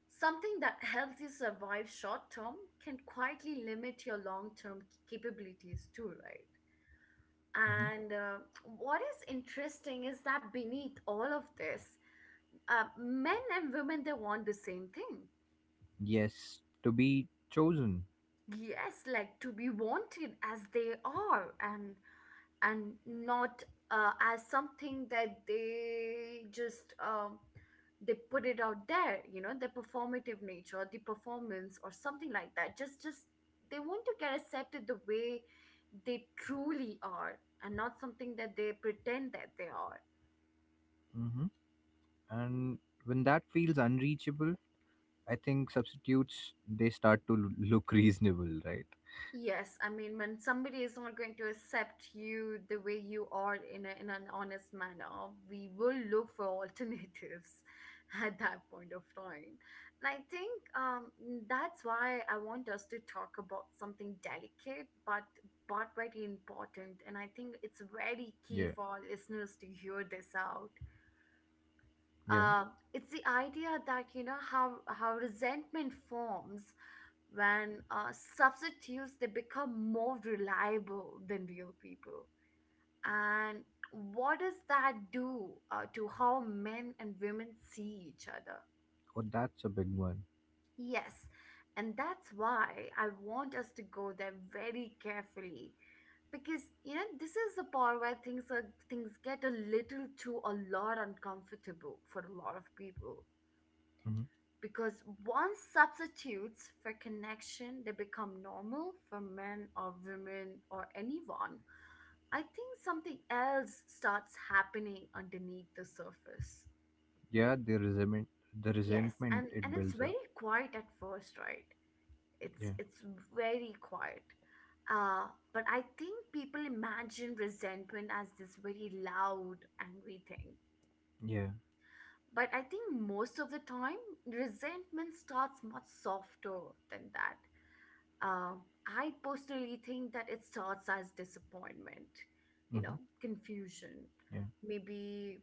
Speaker 1: something that helps you survive short term can quietly limit your long term capabilities too,
Speaker 2: Mm-hmm.
Speaker 1: right? And, what is interesting is that beneath all of this, men and women, they want the same thing.
Speaker 2: Yes, to be chosen.
Speaker 1: Yes, like to be wanted as they are, and not as something that they just, they put it out there, you know, the performative nature, the performance or something like that. Just, they want to get accepted the way they truly are, and not something that they pretend that they are.
Speaker 2: Hmm. And when that feels unreachable, I think substitutes they start to look reasonable, right?
Speaker 1: Yes, I mean, when somebody is not going to accept you the way you are in in an honest manner, we will look for alternatives at that point of time. And I think, um, that's why I want us to talk about something delicate, but very important. And I think it's very key
Speaker 2: Yeah,
Speaker 1: for our listeners to hear this out.
Speaker 2: yeah.
Speaker 1: uh, it's the idea that, you know, how resentment forms when, substitutes, they become more reliable than real people, and what does that do, to how men and women see each other.
Speaker 2: Oh, that's a big one.
Speaker 1: Yes, and that's why I want us to go there very carefully, because, you know, this is the part where things get a little too, a lot uncomfortable for a lot of people.
Speaker 2: Hmm.
Speaker 1: Because once substitutes for connection, they become normal for men or women or anyone, I think something else starts happening underneath the surface.
Speaker 2: Yeah, the resentment, the
Speaker 1: Yes,
Speaker 2: resentment
Speaker 1: and
Speaker 2: it
Speaker 1: and it's
Speaker 2: builds up.
Speaker 1: very quiet at first, right? it's
Speaker 2: Yeah,
Speaker 1: it's very quiet, uh, but I think people imagine resentment as this very loud, angry thing.
Speaker 2: yeah,
Speaker 1: But I think most of the time, resentment starts much softer than that. Um, I personally think that it starts as disappointment, you know,
Speaker 2: hmm,
Speaker 1: confusion,
Speaker 2: yeah,
Speaker 1: maybe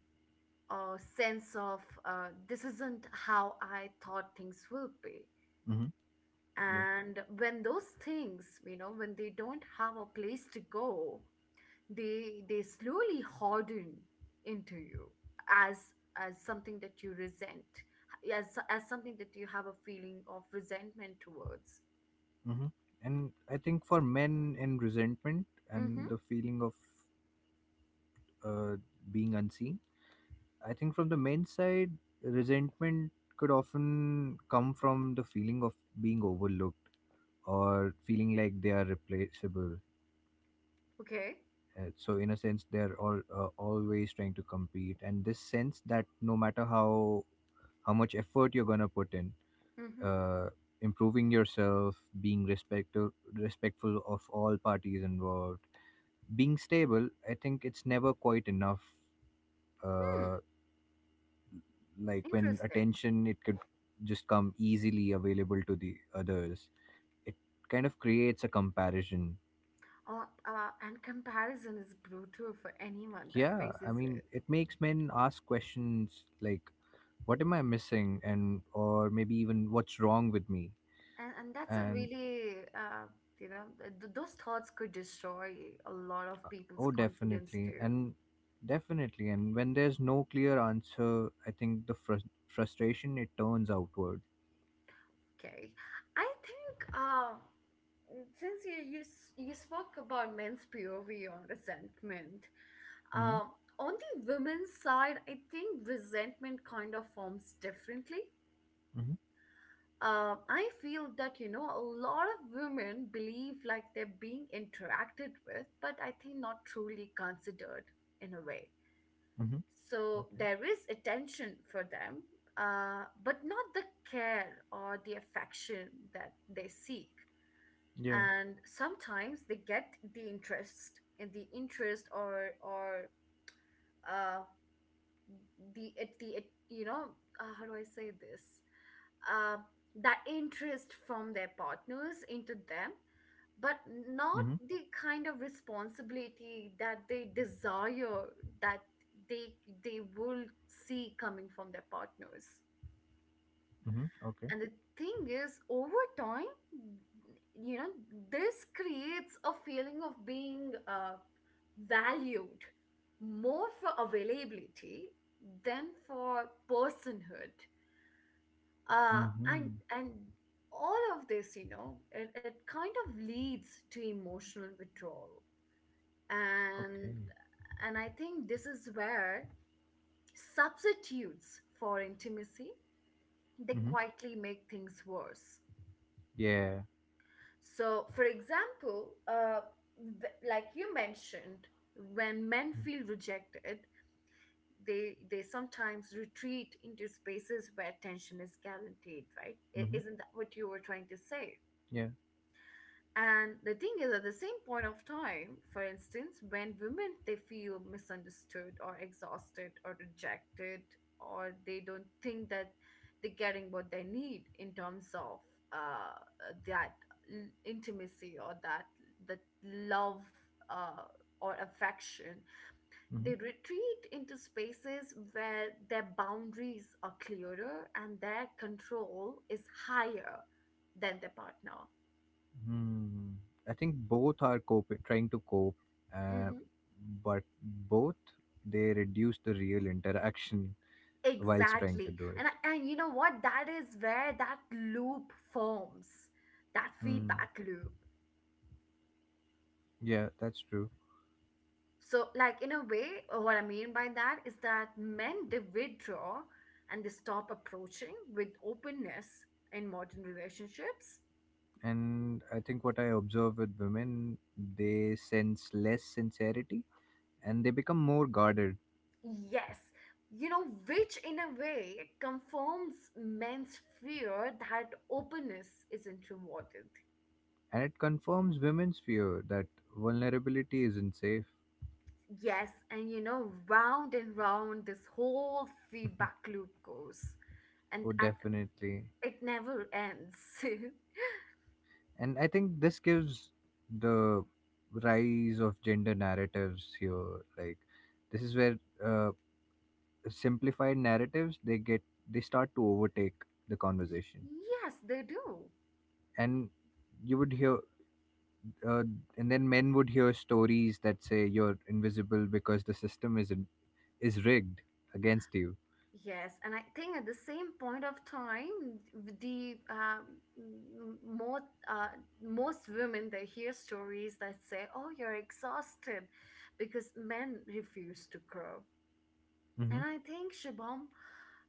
Speaker 1: a sense of, this isn't how I thought things will be.
Speaker 2: hmm, yeah.
Speaker 1: And when those things, you know, when they don't have a place to go, they slowly harden into you as something that you resent, as something that you have a feeling of resentment towards.
Speaker 2: Hmm. And I think for men in resentment
Speaker 1: Mm-hmm.
Speaker 2: and the feeling of uh, being unseen, I think from the men's side, resentment could often come from the feeling of being overlooked or feeling like they are replaceable.
Speaker 1: Okay.
Speaker 2: So in a sense, they are all always trying to compete, and this sense that no matter how much effort you're gonna put in,
Speaker 1: Mm-hmm.
Speaker 2: uh, improving yourself, being respectful of all parties involved, being stable, I think it's never quite enough.
Speaker 1: Hmm.
Speaker 2: Uh, like when
Speaker 1: Interesting.
Speaker 2: attention it could just come easily available to the others, it kind of creates a comparison.
Speaker 1: And comparison is brutal for anyone that
Speaker 2: Yeah, I
Speaker 1: faces
Speaker 2: mean
Speaker 1: it.
Speaker 2: it makes men ask questions like, what am I missing? And or maybe even, what's wrong with me?
Speaker 1: And that's a
Speaker 2: And
Speaker 1: really, you know, those thoughts could destroy a lot of people's
Speaker 2: oh,
Speaker 1: confidence
Speaker 2: definitely.
Speaker 1: too.
Speaker 2: And definitely, and when there's no clear answer, I think the frustration it turns outward.
Speaker 1: Okay. I think, since you spoke about men's POV on resentment,
Speaker 2: Mm-hmm,
Speaker 1: um, on the women's side, I think resentment kind of forms differently.
Speaker 2: mm-hmm,
Speaker 1: I feel that, you know, a lot of women believe like they're being interacted with, but I think not truly considered in a way.
Speaker 2: mm-hmm.
Speaker 1: So
Speaker 2: Okay.
Speaker 1: there is attention for them, but not the care or the affection that they seek.
Speaker 2: Yeah.
Speaker 1: And sometimes they get the interest and the interest or uh, the it how do I say this? uh, that interest from their partners into them, but not
Speaker 2: Mm-hmm,
Speaker 1: the kind of responsibility that they desire that they they will see coming from their partners.
Speaker 2: mm-hmm. Okay.
Speaker 1: And the thing is, over time, you know, this creates a feeling of being, valued more for availability than for personhood, uh,
Speaker 2: Mm-hmm.
Speaker 1: and and all of this, you know, it kind of leads to emotional withdrawal.
Speaker 2: Okay.
Speaker 1: And and I think this is where substitutes for intimacy, they
Speaker 2: Mm-hmm.
Speaker 1: quietly make things worse.
Speaker 2: Yeah.
Speaker 1: So for example, like you mentioned, when men
Speaker 2: Mm-hmm.
Speaker 1: feel rejected, they sometimes retreat into spaces where tension is guaranteed, right?
Speaker 2: Mm-hmm.
Speaker 1: Isn't that what you were trying to say?
Speaker 2: Yeah.
Speaker 1: And the thing is, at the same point of time, for instance, when women, they feel misunderstood or exhausted or rejected, or they don't think that they're getting what they need in terms of, uh, that intimacy, or that love, uh, or affection,
Speaker 2: Mm-hmm.
Speaker 1: they retreat into spaces where their boundaries are clearer and their control is higher than their partner.
Speaker 2: Hmm. I think both are coping, trying to cope, uh,
Speaker 1: Mm-hmm.
Speaker 2: but both they reduce the real interaction whilst trying to
Speaker 1: Exactly.
Speaker 2: do it.
Speaker 1: And and, you know what? That is where that loop forms, that
Speaker 2: Hmm.
Speaker 1: feedback loop.
Speaker 2: Yeah, that's true.
Speaker 1: So, like in a way, what I mean by that is that men, they withdraw, and they stop approaching with openness in modern relationships.
Speaker 2: And I think what I observe with women, they sense less sincerity and they become more guarded.
Speaker 1: Yes. You know, which in a way confirms men's fear that openness isn't rewarded.
Speaker 2: And it confirms women's fear that vulnerability isn't safe.
Speaker 1: Yes, and, you know, round and round this whole feedback loop goes.
Speaker 2: Oh,
Speaker 1: And
Speaker 2: definitely.
Speaker 1: it never ends. Y-
Speaker 2: And I think this gives the rise of gender narratives here. Like, this is where uh, simplified narratives they start to overtake the conversation,
Speaker 1: yes, they do.
Speaker 2: and you would hear uh, and then men would hear stories that say, you're invisible because the system is rigged against you.
Speaker 1: Yes, and I think at the same point of time, the m- more uh, most women, they hear stories that say, "Oh, you're exhausted," because men refuse to grow.
Speaker 2: Mm-hmm.
Speaker 1: And I think, Shabam,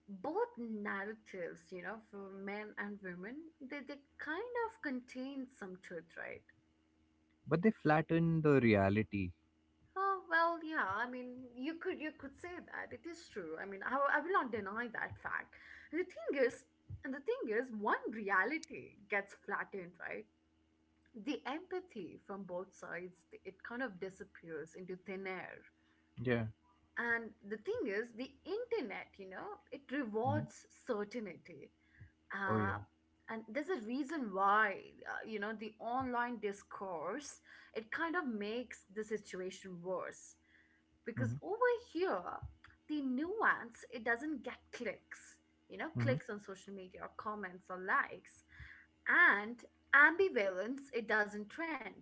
Speaker 1: both narratives, you know, for men and women, they kind of contain some truth, right?
Speaker 2: But they flatten the reality.
Speaker 1: Oh well, yeah. I mean, you could say that it is true. I mean, I will not deny that fact. And the thing is, and the thing is, one reality gets flattened, right? The empathy from both sides, it kind of disappears into thin air.
Speaker 2: Yeah.
Speaker 1: And the thing is, the internet, you know, it
Speaker 2: Mm-hmm.
Speaker 1: rewards certainty.
Speaker 2: Oh yeah.
Speaker 1: Uh, and there's a reason why, the online discourse, it kind of makes the situation worse,
Speaker 2: Mm-hmm.
Speaker 1: because over here the nuance, it doesn't get clicks,
Speaker 2: Mm-hmm.
Speaker 1: clicks on social media or comments or likes. And ambivalence, it doesn't trend.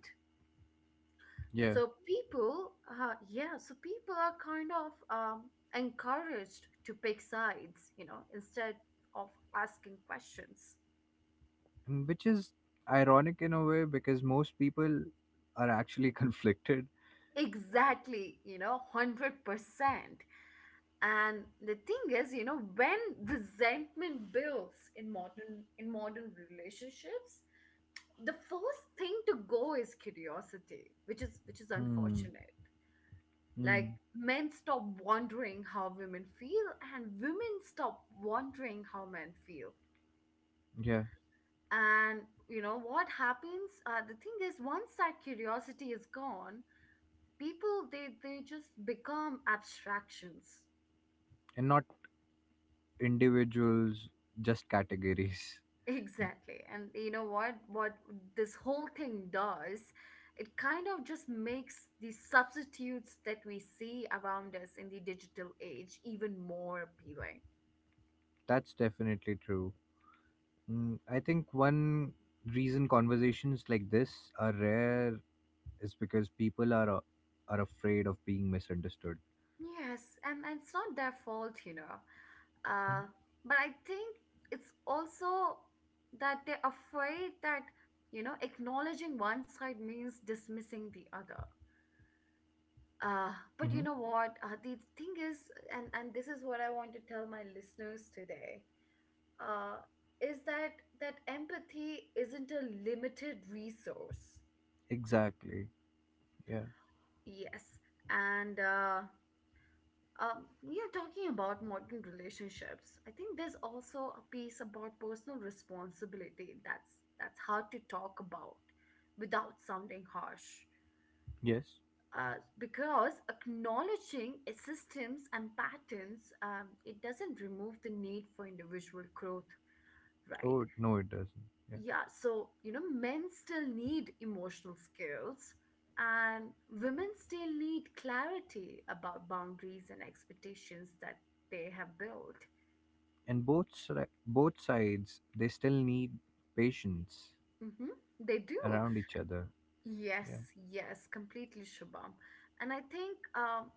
Speaker 1: So people uh, yeah, so people are kind of, encouraged to pick sides, instead of asking questions.
Speaker 2: Mm, which is ironic in a way because most people are actually conflicted.
Speaker 1: Exactly, 100%. And the thing is, you know, when resentment builds in modern relationships, the first thing to go is curiosity, which is
Speaker 2: Hmm.
Speaker 1: unfortunate. Like
Speaker 2: Hmm.
Speaker 1: men stop wondering how women feel, and women stop wondering how men feel.
Speaker 2: Yeah.
Speaker 1: And you know what happens? The thing is, once that curiosity is gone, people, they just become abstractions.
Speaker 2: And not individuals, just categories.
Speaker 1: Exactly. And you know what? What this whole thing does, it kind of just makes the substitutes that we see around us in the digital age even more appealing.
Speaker 2: That's definitely true. Hmm. I think one reason conversations like this are rare is because people are are afraid of being misunderstood.
Speaker 1: Yes, and it's not their fault, you know. Uh, but I think it's also that they're afraid that, you know, acknowledging one side means dismissing the other. Uh, but
Speaker 2: Mm-hmm.
Speaker 1: you know what? The thing is, and this is what I want to tell my listeners today, uh, is that empathy isn't a limited resource.
Speaker 2: Exactly. Yeah.
Speaker 1: Yes, and yeah, talking about modern relationships, I think there's also a piece about personal responsibility that's hard to talk about without sounding harsh.
Speaker 2: Yes.
Speaker 1: Because acknowledging systems and patterns, it doesn't remove the need for individual growth, right?
Speaker 2: Oh no, it doesn't, yeah.
Speaker 1: Yeah, so you know, men still need emotional skills, and women still need clarity about boundaries and expectations that they have built.
Speaker 2: And both sides they still need patience
Speaker 1: Hmm. They do.
Speaker 2: around each other.
Speaker 1: Yes,
Speaker 2: Yeah.
Speaker 1: yes, completely, Shubham. And I think,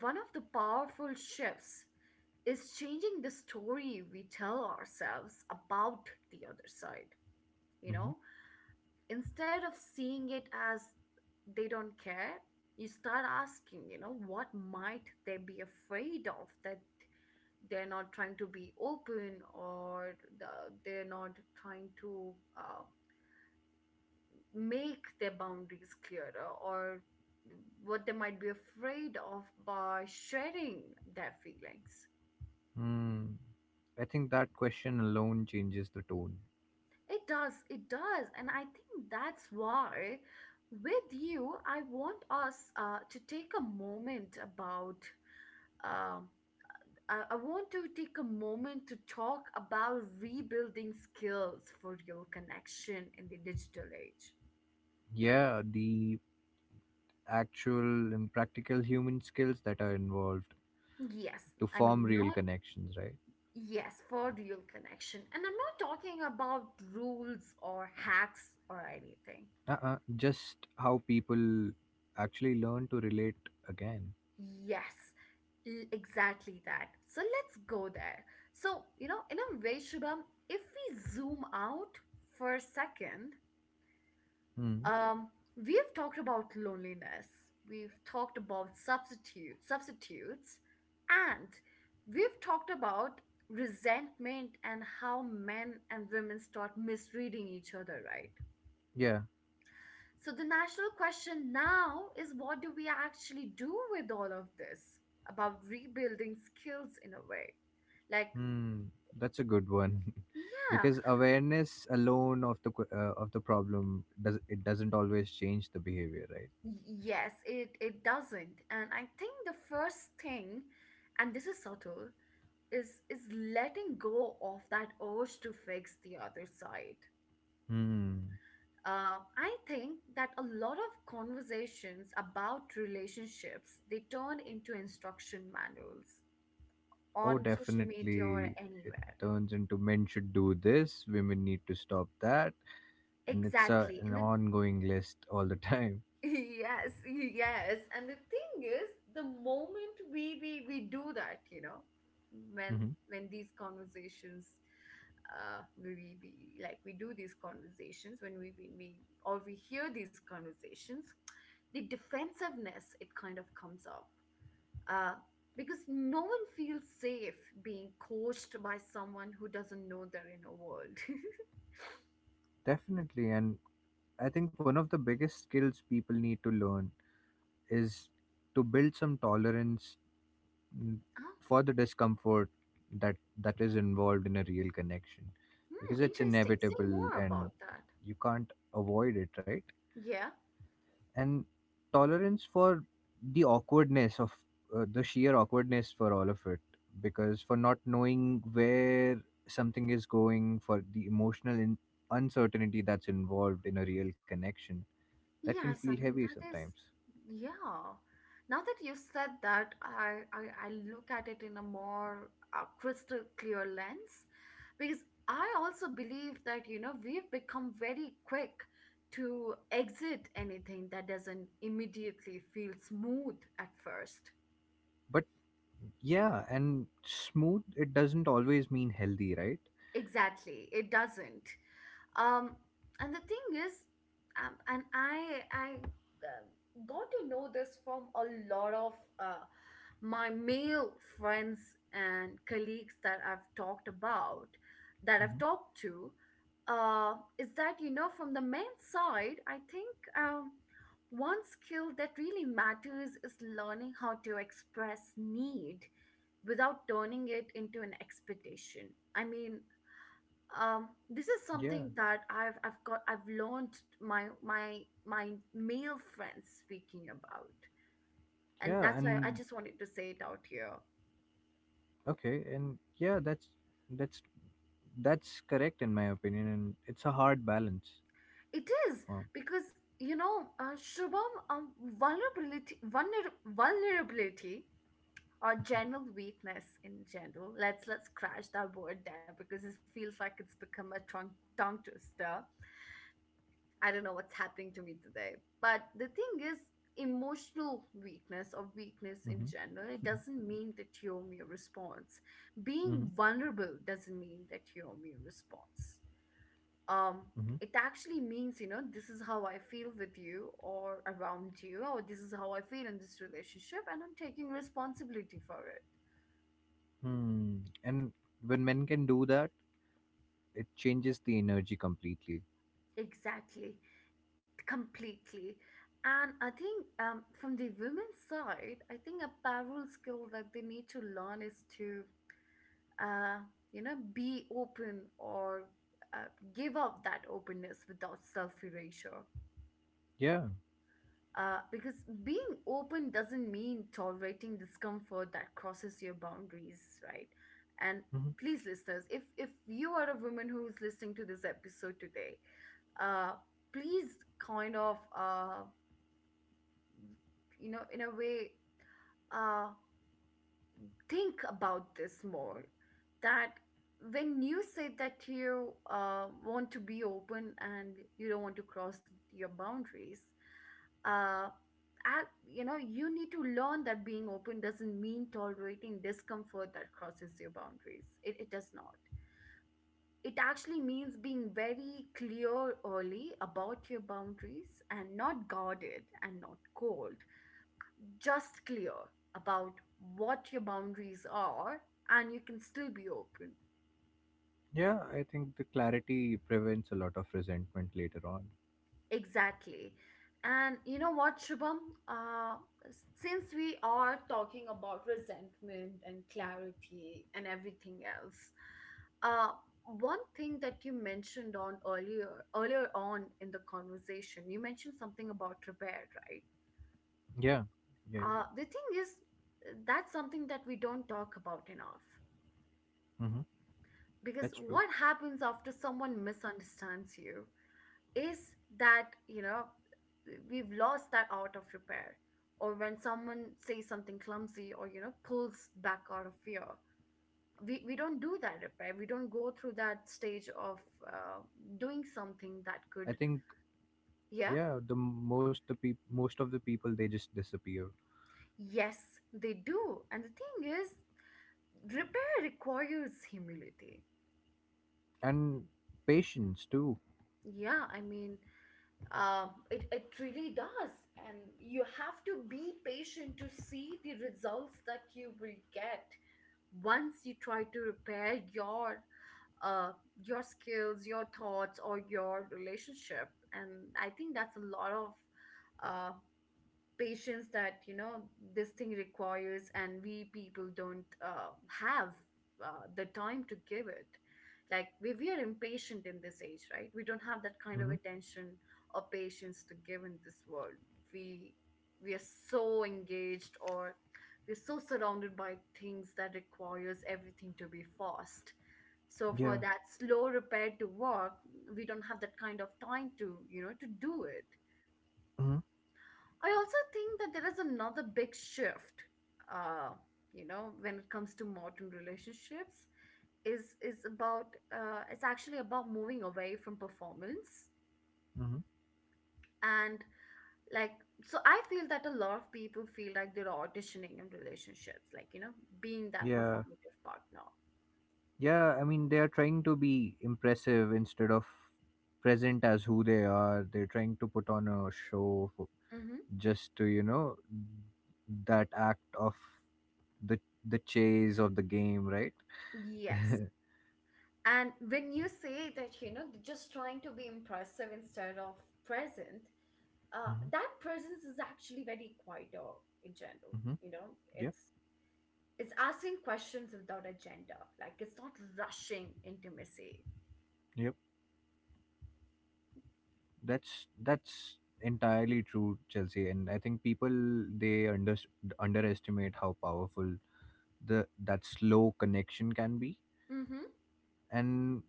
Speaker 1: one of the powerful shifts is changing the story we tell ourselves about the other side. You
Speaker 2: Mm-hmm.
Speaker 1: know, instead of seeing it as they don't care, you start asking, you know, what might they be afraid of, that they're not trying to be open, or they're not trying to make their boundaries clearer, or what they might be afraid of by sharing their feelings.
Speaker 2: Mm. I think that question alone changes the tone.
Speaker 1: It does, it does. And I think that's why with you, I want us to take a moment about, um, I want to take a moment to talk about rebuilding skills for your connection in the digital age.
Speaker 2: Yeah, the actual and practical human skills that are involved
Speaker 1: Yes,
Speaker 2: to
Speaker 1: I
Speaker 2: form
Speaker 1: mean,
Speaker 2: real
Speaker 1: not
Speaker 2: connections, right?
Speaker 1: yes, for real connection. And I'm not talking about rules or hacks or anything.
Speaker 2: Uh-uh. Just how people actually learn to relate again.
Speaker 1: Yes, exactly that. So let's go there. So, you know, in a way, Shubham, if we zoom out for a second,
Speaker 2: Hmm.
Speaker 1: um, we've talked about loneliness, we've talked about substitutes, and we've talked about resentment and how men and women start misreading each other, right?
Speaker 2: Yeah.
Speaker 1: So the national question now is what do we actually do with all of this about rebuilding skills in a way, like.
Speaker 2: Hmm. That's a good one.
Speaker 1: Yeah,
Speaker 2: Because awareness alone of of the problem does it doesn't always change the behavior, right?
Speaker 1: y- yes, it doesn't, and I think the first thing, and this is subtle, is letting go of that urge to fix the other side.
Speaker 2: Hmm.
Speaker 1: I think that a lot of conversations about relationships, they turn into instruction manuals
Speaker 2: Oh,
Speaker 1: on social media or
Speaker 2: definitely. It
Speaker 1: anywhere.
Speaker 2: turns into, men should do this, women need to stop that, and it's a,
Speaker 1: Exactly,
Speaker 2: an
Speaker 1: and the
Speaker 2: ongoing list all the time.
Speaker 1: yes, yes, and the thing is, the moment we do that, you know, when
Speaker 2: Mhm.
Speaker 1: when these conversations, uh we, we we- like we do these conversations when we or we hear these conversations, the defensiveness, it kind of comes up, uh because no one feels safe being coached by someone who doesn't know their inner world.
Speaker 2: Definitely, and I think one of the biggest skills people need to learn is to build some tolerance, mm,
Speaker 1: Ah,
Speaker 2: for the discomfort that is involved in a real connection, because
Speaker 1: hmm,
Speaker 2: it's
Speaker 1: interesting. Say
Speaker 2: inevitable
Speaker 1: more about
Speaker 2: and
Speaker 1: that.
Speaker 2: you can't avoid it, right?
Speaker 1: Yeah.
Speaker 2: And tolerance for the awkwardness of the sheer awkwardness for all of it, because for not knowing where something is going, for the emotional uncertainty that's involved in a real connection that can feel
Speaker 1: Yes, I
Speaker 2: heavy
Speaker 1: mean that is,
Speaker 2: sometimes.
Speaker 1: yeah. Now that you said that, I look at it in a more crystal clear lens, because I also believe that you know we've become very quick to exit anything that doesn't immediately feel smooth at first.
Speaker 2: But yeah, and smooth it doesn't always mean healthy, right?
Speaker 1: Exactly, it doesn't. um and the thing is, and I got to know this from a lot of uh, my male friends and colleagues that I've talked about, that I've
Speaker 2: Hmm.
Speaker 1: talked to, is that you know from the men's side I think, one skill that really matters is learning how to express need without turning it into an expectation. I mean, this is
Speaker 2: Yeah.
Speaker 1: something that I've learned my male friends speaking about, and
Speaker 2: Yeah.
Speaker 1: that's why I
Speaker 2: And
Speaker 1: just wanted to say it out here.
Speaker 2: okay. And yeah, that's that's correct in my opinion, and it's a hard balance
Speaker 1: It is,
Speaker 2: for.
Speaker 1: because you know, Shubham, vulnerability or general weakness in general, let's crash that word there because it feels like it's become a tongue twister. I don't know what's happening to me today. But the thing is, emotional weakness or weakness in general, it
Speaker 2: Hmm.
Speaker 1: doesn't mean that you're mere response. Being vulnerable doesn't mean that you're mere response. Um,
Speaker 2: Mhm.
Speaker 1: it actually means, you know, this is how I feel with you or around you, or this is how I feel in this relationship, and I'm taking responsibility for it.
Speaker 2: Hmm. And when men can do that, it changes the energy completely.
Speaker 1: Exactly. Completely. And I think, from the women's side I think a parallel skill that they need to learn is to, uh, you know, be open or, uh, give up that openness without self-erasure,
Speaker 2: Yeah.
Speaker 1: because being open doesn't mean tolerating discomfort that crosses your boundaries, right? And
Speaker 2: Mhm.
Speaker 1: please, listeners, if you are a woman who's listening to this episode today, uh, please kind of, you know, in a way, uh think about this more, that when you say that you, want to be open and you don't want to cross your boundaries, uh you know, you need to learn that being open doesn't mean tolerating discomfort that crosses your boundaries. It does not. It actually means being very clear early about your boundaries, and not guarded and not cold, just clear about what your boundaries are, and you can still be open.
Speaker 2: Yeah, I think the clarity prevents a lot of resentment later on.
Speaker 1: Exactly. And you know what, Shubham? Uh, since we are talking about resentment and clarity and everything else, uh, one thing that you mentioned on earlier on in the conversation, you mentioned something about repair, right?
Speaker 2: Yeah. Yeah. Yeah.
Speaker 1: The thing is, that's something that we don't talk about enough.
Speaker 2: Hmm.
Speaker 1: Because
Speaker 2: That's true.
Speaker 1: what happens after someone misunderstands you is that, you know, we've lost that art of repair, or when someone says something clumsy or you know pulls back out of fear, we don't do that repair, we don't go through that stage of, uh, doing something that
Speaker 2: I
Speaker 1: could,
Speaker 2: think,
Speaker 1: yeah,
Speaker 2: yeah, the most the peop- most of the people they just disappear,
Speaker 1: yes they do, and the thing is, repair requires humility.
Speaker 2: and patience too.
Speaker 1: Yeah, I mean, it really does. And you have to be patient to see the results that you will get once you try to repair your, uh, your skills, your thoughts, or your relationship. And I think that's a lot of, uh, patience that you know this thing requires, and we people don't, have, the time to give it. Like we are impatient in this age, right? We don't have that kind of
Speaker 2: Hmm.
Speaker 1: attention or patience to give in this world. we we are so engaged, or we're so surrounded by things that requires everything to be fast, so
Speaker 2: Yeah.
Speaker 1: for that slow repair to work, we don't have that kind of time to, you know, to do it.
Speaker 2: Hmm.
Speaker 1: I also think that there is another big shift, uh, you know, when it comes to modern relationships, is about, it's actually about moving away from performance,
Speaker 2: Hmm.
Speaker 1: and like so I feel that a lot of people feel like they're auditioning in relationships, like, you know, being that
Speaker 2: Yeah.
Speaker 1: performative partner.
Speaker 2: Yeah. I mean, they are trying to be impressive instead of present as who they are. They're trying to put on a show for,
Speaker 1: Mm-hmm.
Speaker 2: just to, that act of the chase of the game, right?
Speaker 1: Yes,
Speaker 2: Hmm.
Speaker 1: and when you say that, you know, they're just trying to be impressive instead of present, that presence is actually very quieter in general.
Speaker 2: Hmm.
Speaker 1: You know,
Speaker 2: Yep.
Speaker 1: it's asking questions without agenda. Like, it's not rushing intimacy.
Speaker 2: Yep, that's entirely true, Chelsea. And I think people, they underestimate how powerful the that slow connection can be.
Speaker 1: Mm-hmm.
Speaker 2: And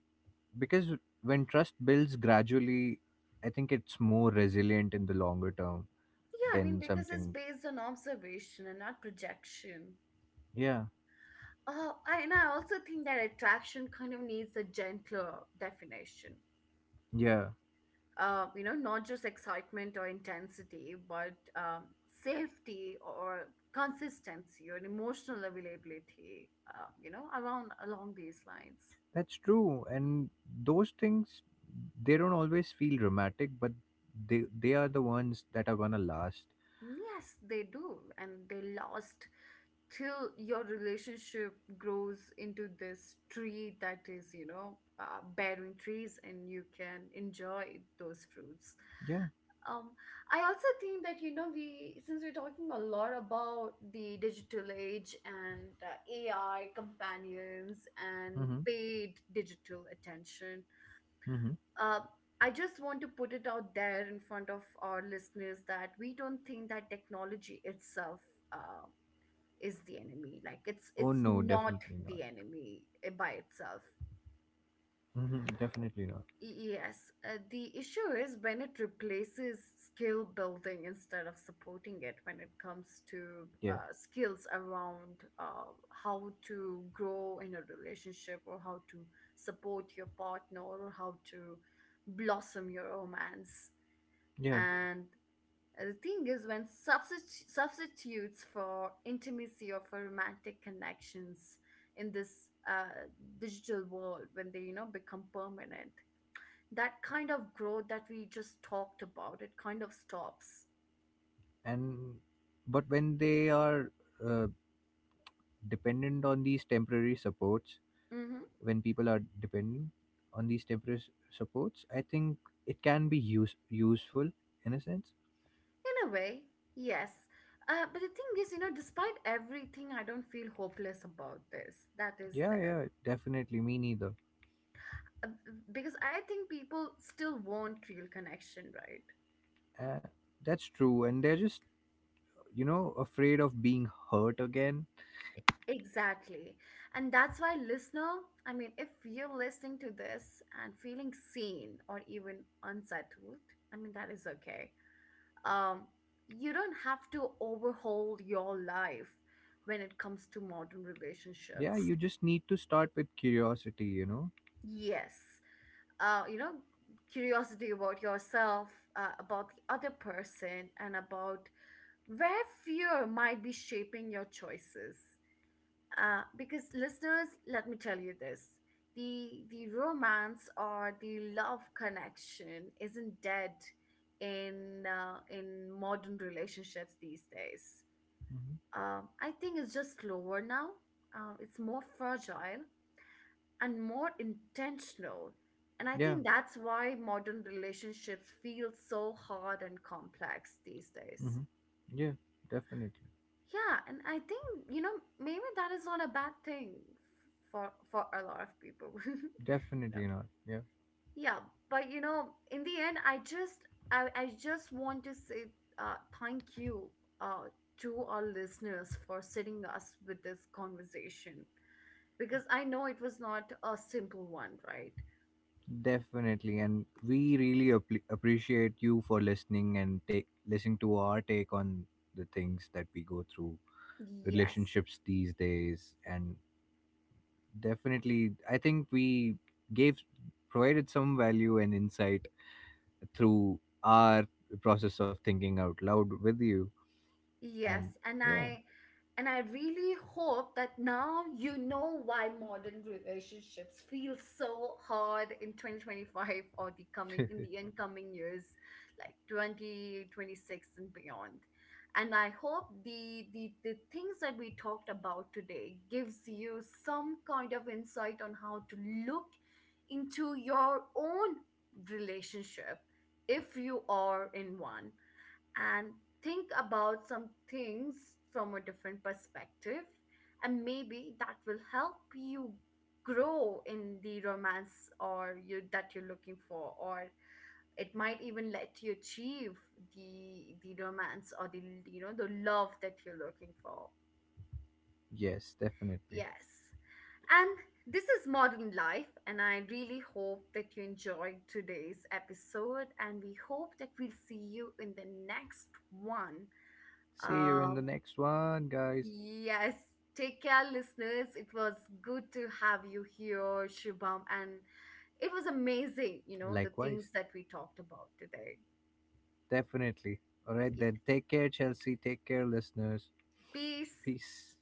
Speaker 2: because when trust builds gradually, I think it's more resilient in the longer term
Speaker 1: Yeah, I mean,
Speaker 2: than
Speaker 1: because it's
Speaker 2: something.
Speaker 1: based on observation and not projection.
Speaker 2: Yeah.
Speaker 1: Oh, and I also think that attraction kind of needs a gentler definition.
Speaker 2: Yeah.
Speaker 1: You know, not just excitement or intensity, but, safety or consistency or emotional availability, you know, around along these lines.
Speaker 2: That's true, and those things, they don't always feel dramatic, but they are the ones that are gonna last.
Speaker 1: Mm, yes, they do, and they last till your relationship grows into this tree that is, you know, bearing trees and you can enjoy those fruits.
Speaker 2: Yeah.
Speaker 1: Um, I also think that, you know, since we're talking a lot about the digital age and AI companions and
Speaker 2: Mm-hmm.
Speaker 1: paid digital attention,
Speaker 2: Mm-hmm.
Speaker 1: uh, I just want to put it out there in front of our listeners that we don't think that technology itself. Um, is the enemy. Like,
Speaker 2: Oh
Speaker 1: it's
Speaker 2: no,
Speaker 1: not
Speaker 2: definitely not.
Speaker 1: the enemy by itself.
Speaker 2: Mm-hmm. Definitely not.
Speaker 1: Yes, the issue is when it replaces skill building instead of supporting it, when it comes to,
Speaker 2: Yeah.
Speaker 1: skills around, how to grow in a relationship, or how to support your partner, or how to blossom your romance.
Speaker 2: Yeah.
Speaker 1: And, the thing is, when substitutes for intimacy or for romantic connections in this, digital world, when they, you know, become permanent, that kind of growth that we just talked about, it kind of stops.
Speaker 2: And but when they are uh, dependent on these temporary supports,
Speaker 1: Hmm.
Speaker 2: when people are dependent on these temporary supports, I think it can be useful in a sense.
Speaker 1: In a way, yes. But the thing is, you know, despite everything, I don't feel hopeless about this. That is
Speaker 2: Yeah.
Speaker 1: there.
Speaker 2: Yeah. Definitely. Me neither.
Speaker 1: Uh, Because I think people still want real connection, right?
Speaker 2: Uh, that's true, and they're just, afraid of being hurt again.
Speaker 1: Exactly. And that's why, listener, I mean, if you're listening to this and feeling seen or even unsettled, I mean, that is okay. Um, you don't have to overhaul your life when it comes to modern
Speaker 2: Yeah,
Speaker 1: relationships.
Speaker 2: you just need to start with curiosity, you know?
Speaker 1: Yes. You know, curiosity about yourself, about the other person, and about where fear might be shaping your choices. Because listeners, let me tell you this. The romance or the love connection isn't dead in, in modern relationships these days.
Speaker 2: Hmm.
Speaker 1: I think it's just slower now. It's more fragile and more intentional. And I
Speaker 2: Yeah,
Speaker 1: think that's why modern relationships feel so hard and complex these
Speaker 2: hmm,
Speaker 1: days.
Speaker 2: yeah, definitely.
Speaker 1: Yeah, and I think, you know, maybe that is not a bad thing for a lot of people. You know.
Speaker 2: Definitely not. Yeah,
Speaker 1: Yeah, but you know, in the end I just, I just want to say, thank you, uh to our listeners for sitting us with this conversation, because I know it was not a simple one, right?
Speaker 2: definitely. And we really appreciate you for listening and take listening to our take on the things that we go through,
Speaker 1: Yes.
Speaker 2: relationships these days. And definitely, I think we gave provided some value and insight through our process of thinking out loud with you.
Speaker 1: Yes,
Speaker 2: And
Speaker 1: and
Speaker 2: yeah,
Speaker 1: I, and I really hope that now you know why modern relationships feel so hard in 2025, or the coming in the incoming years like 2026 and beyond. And I hope the things that we talked about today gives you some kind of insight on how to look into your own relationship if you are in one, and think about some things from a different perspective. And maybe that will help you grow in the romance or you that you're looking for, or it might even let you achieve the romance or the, you know, the love that you're looking for.
Speaker 2: yes, definitely.
Speaker 1: Yes, and this is modern life, and I really hope that you enjoyed today's episode, and we hope that we'll see you in the next one.
Speaker 2: See you in the
Speaker 1: um,
Speaker 2: next one, guys.
Speaker 1: yes, take care, listeners. It was good to have you here, Shubham, and it was amazing, you know, the
Speaker 2: Likewise,
Speaker 1: things that we talked about today.
Speaker 2: definitely. All right,
Speaker 1: Yeah.
Speaker 2: then take care, Chelsea. Take care, listeners.
Speaker 1: Peace.
Speaker 2: Peace.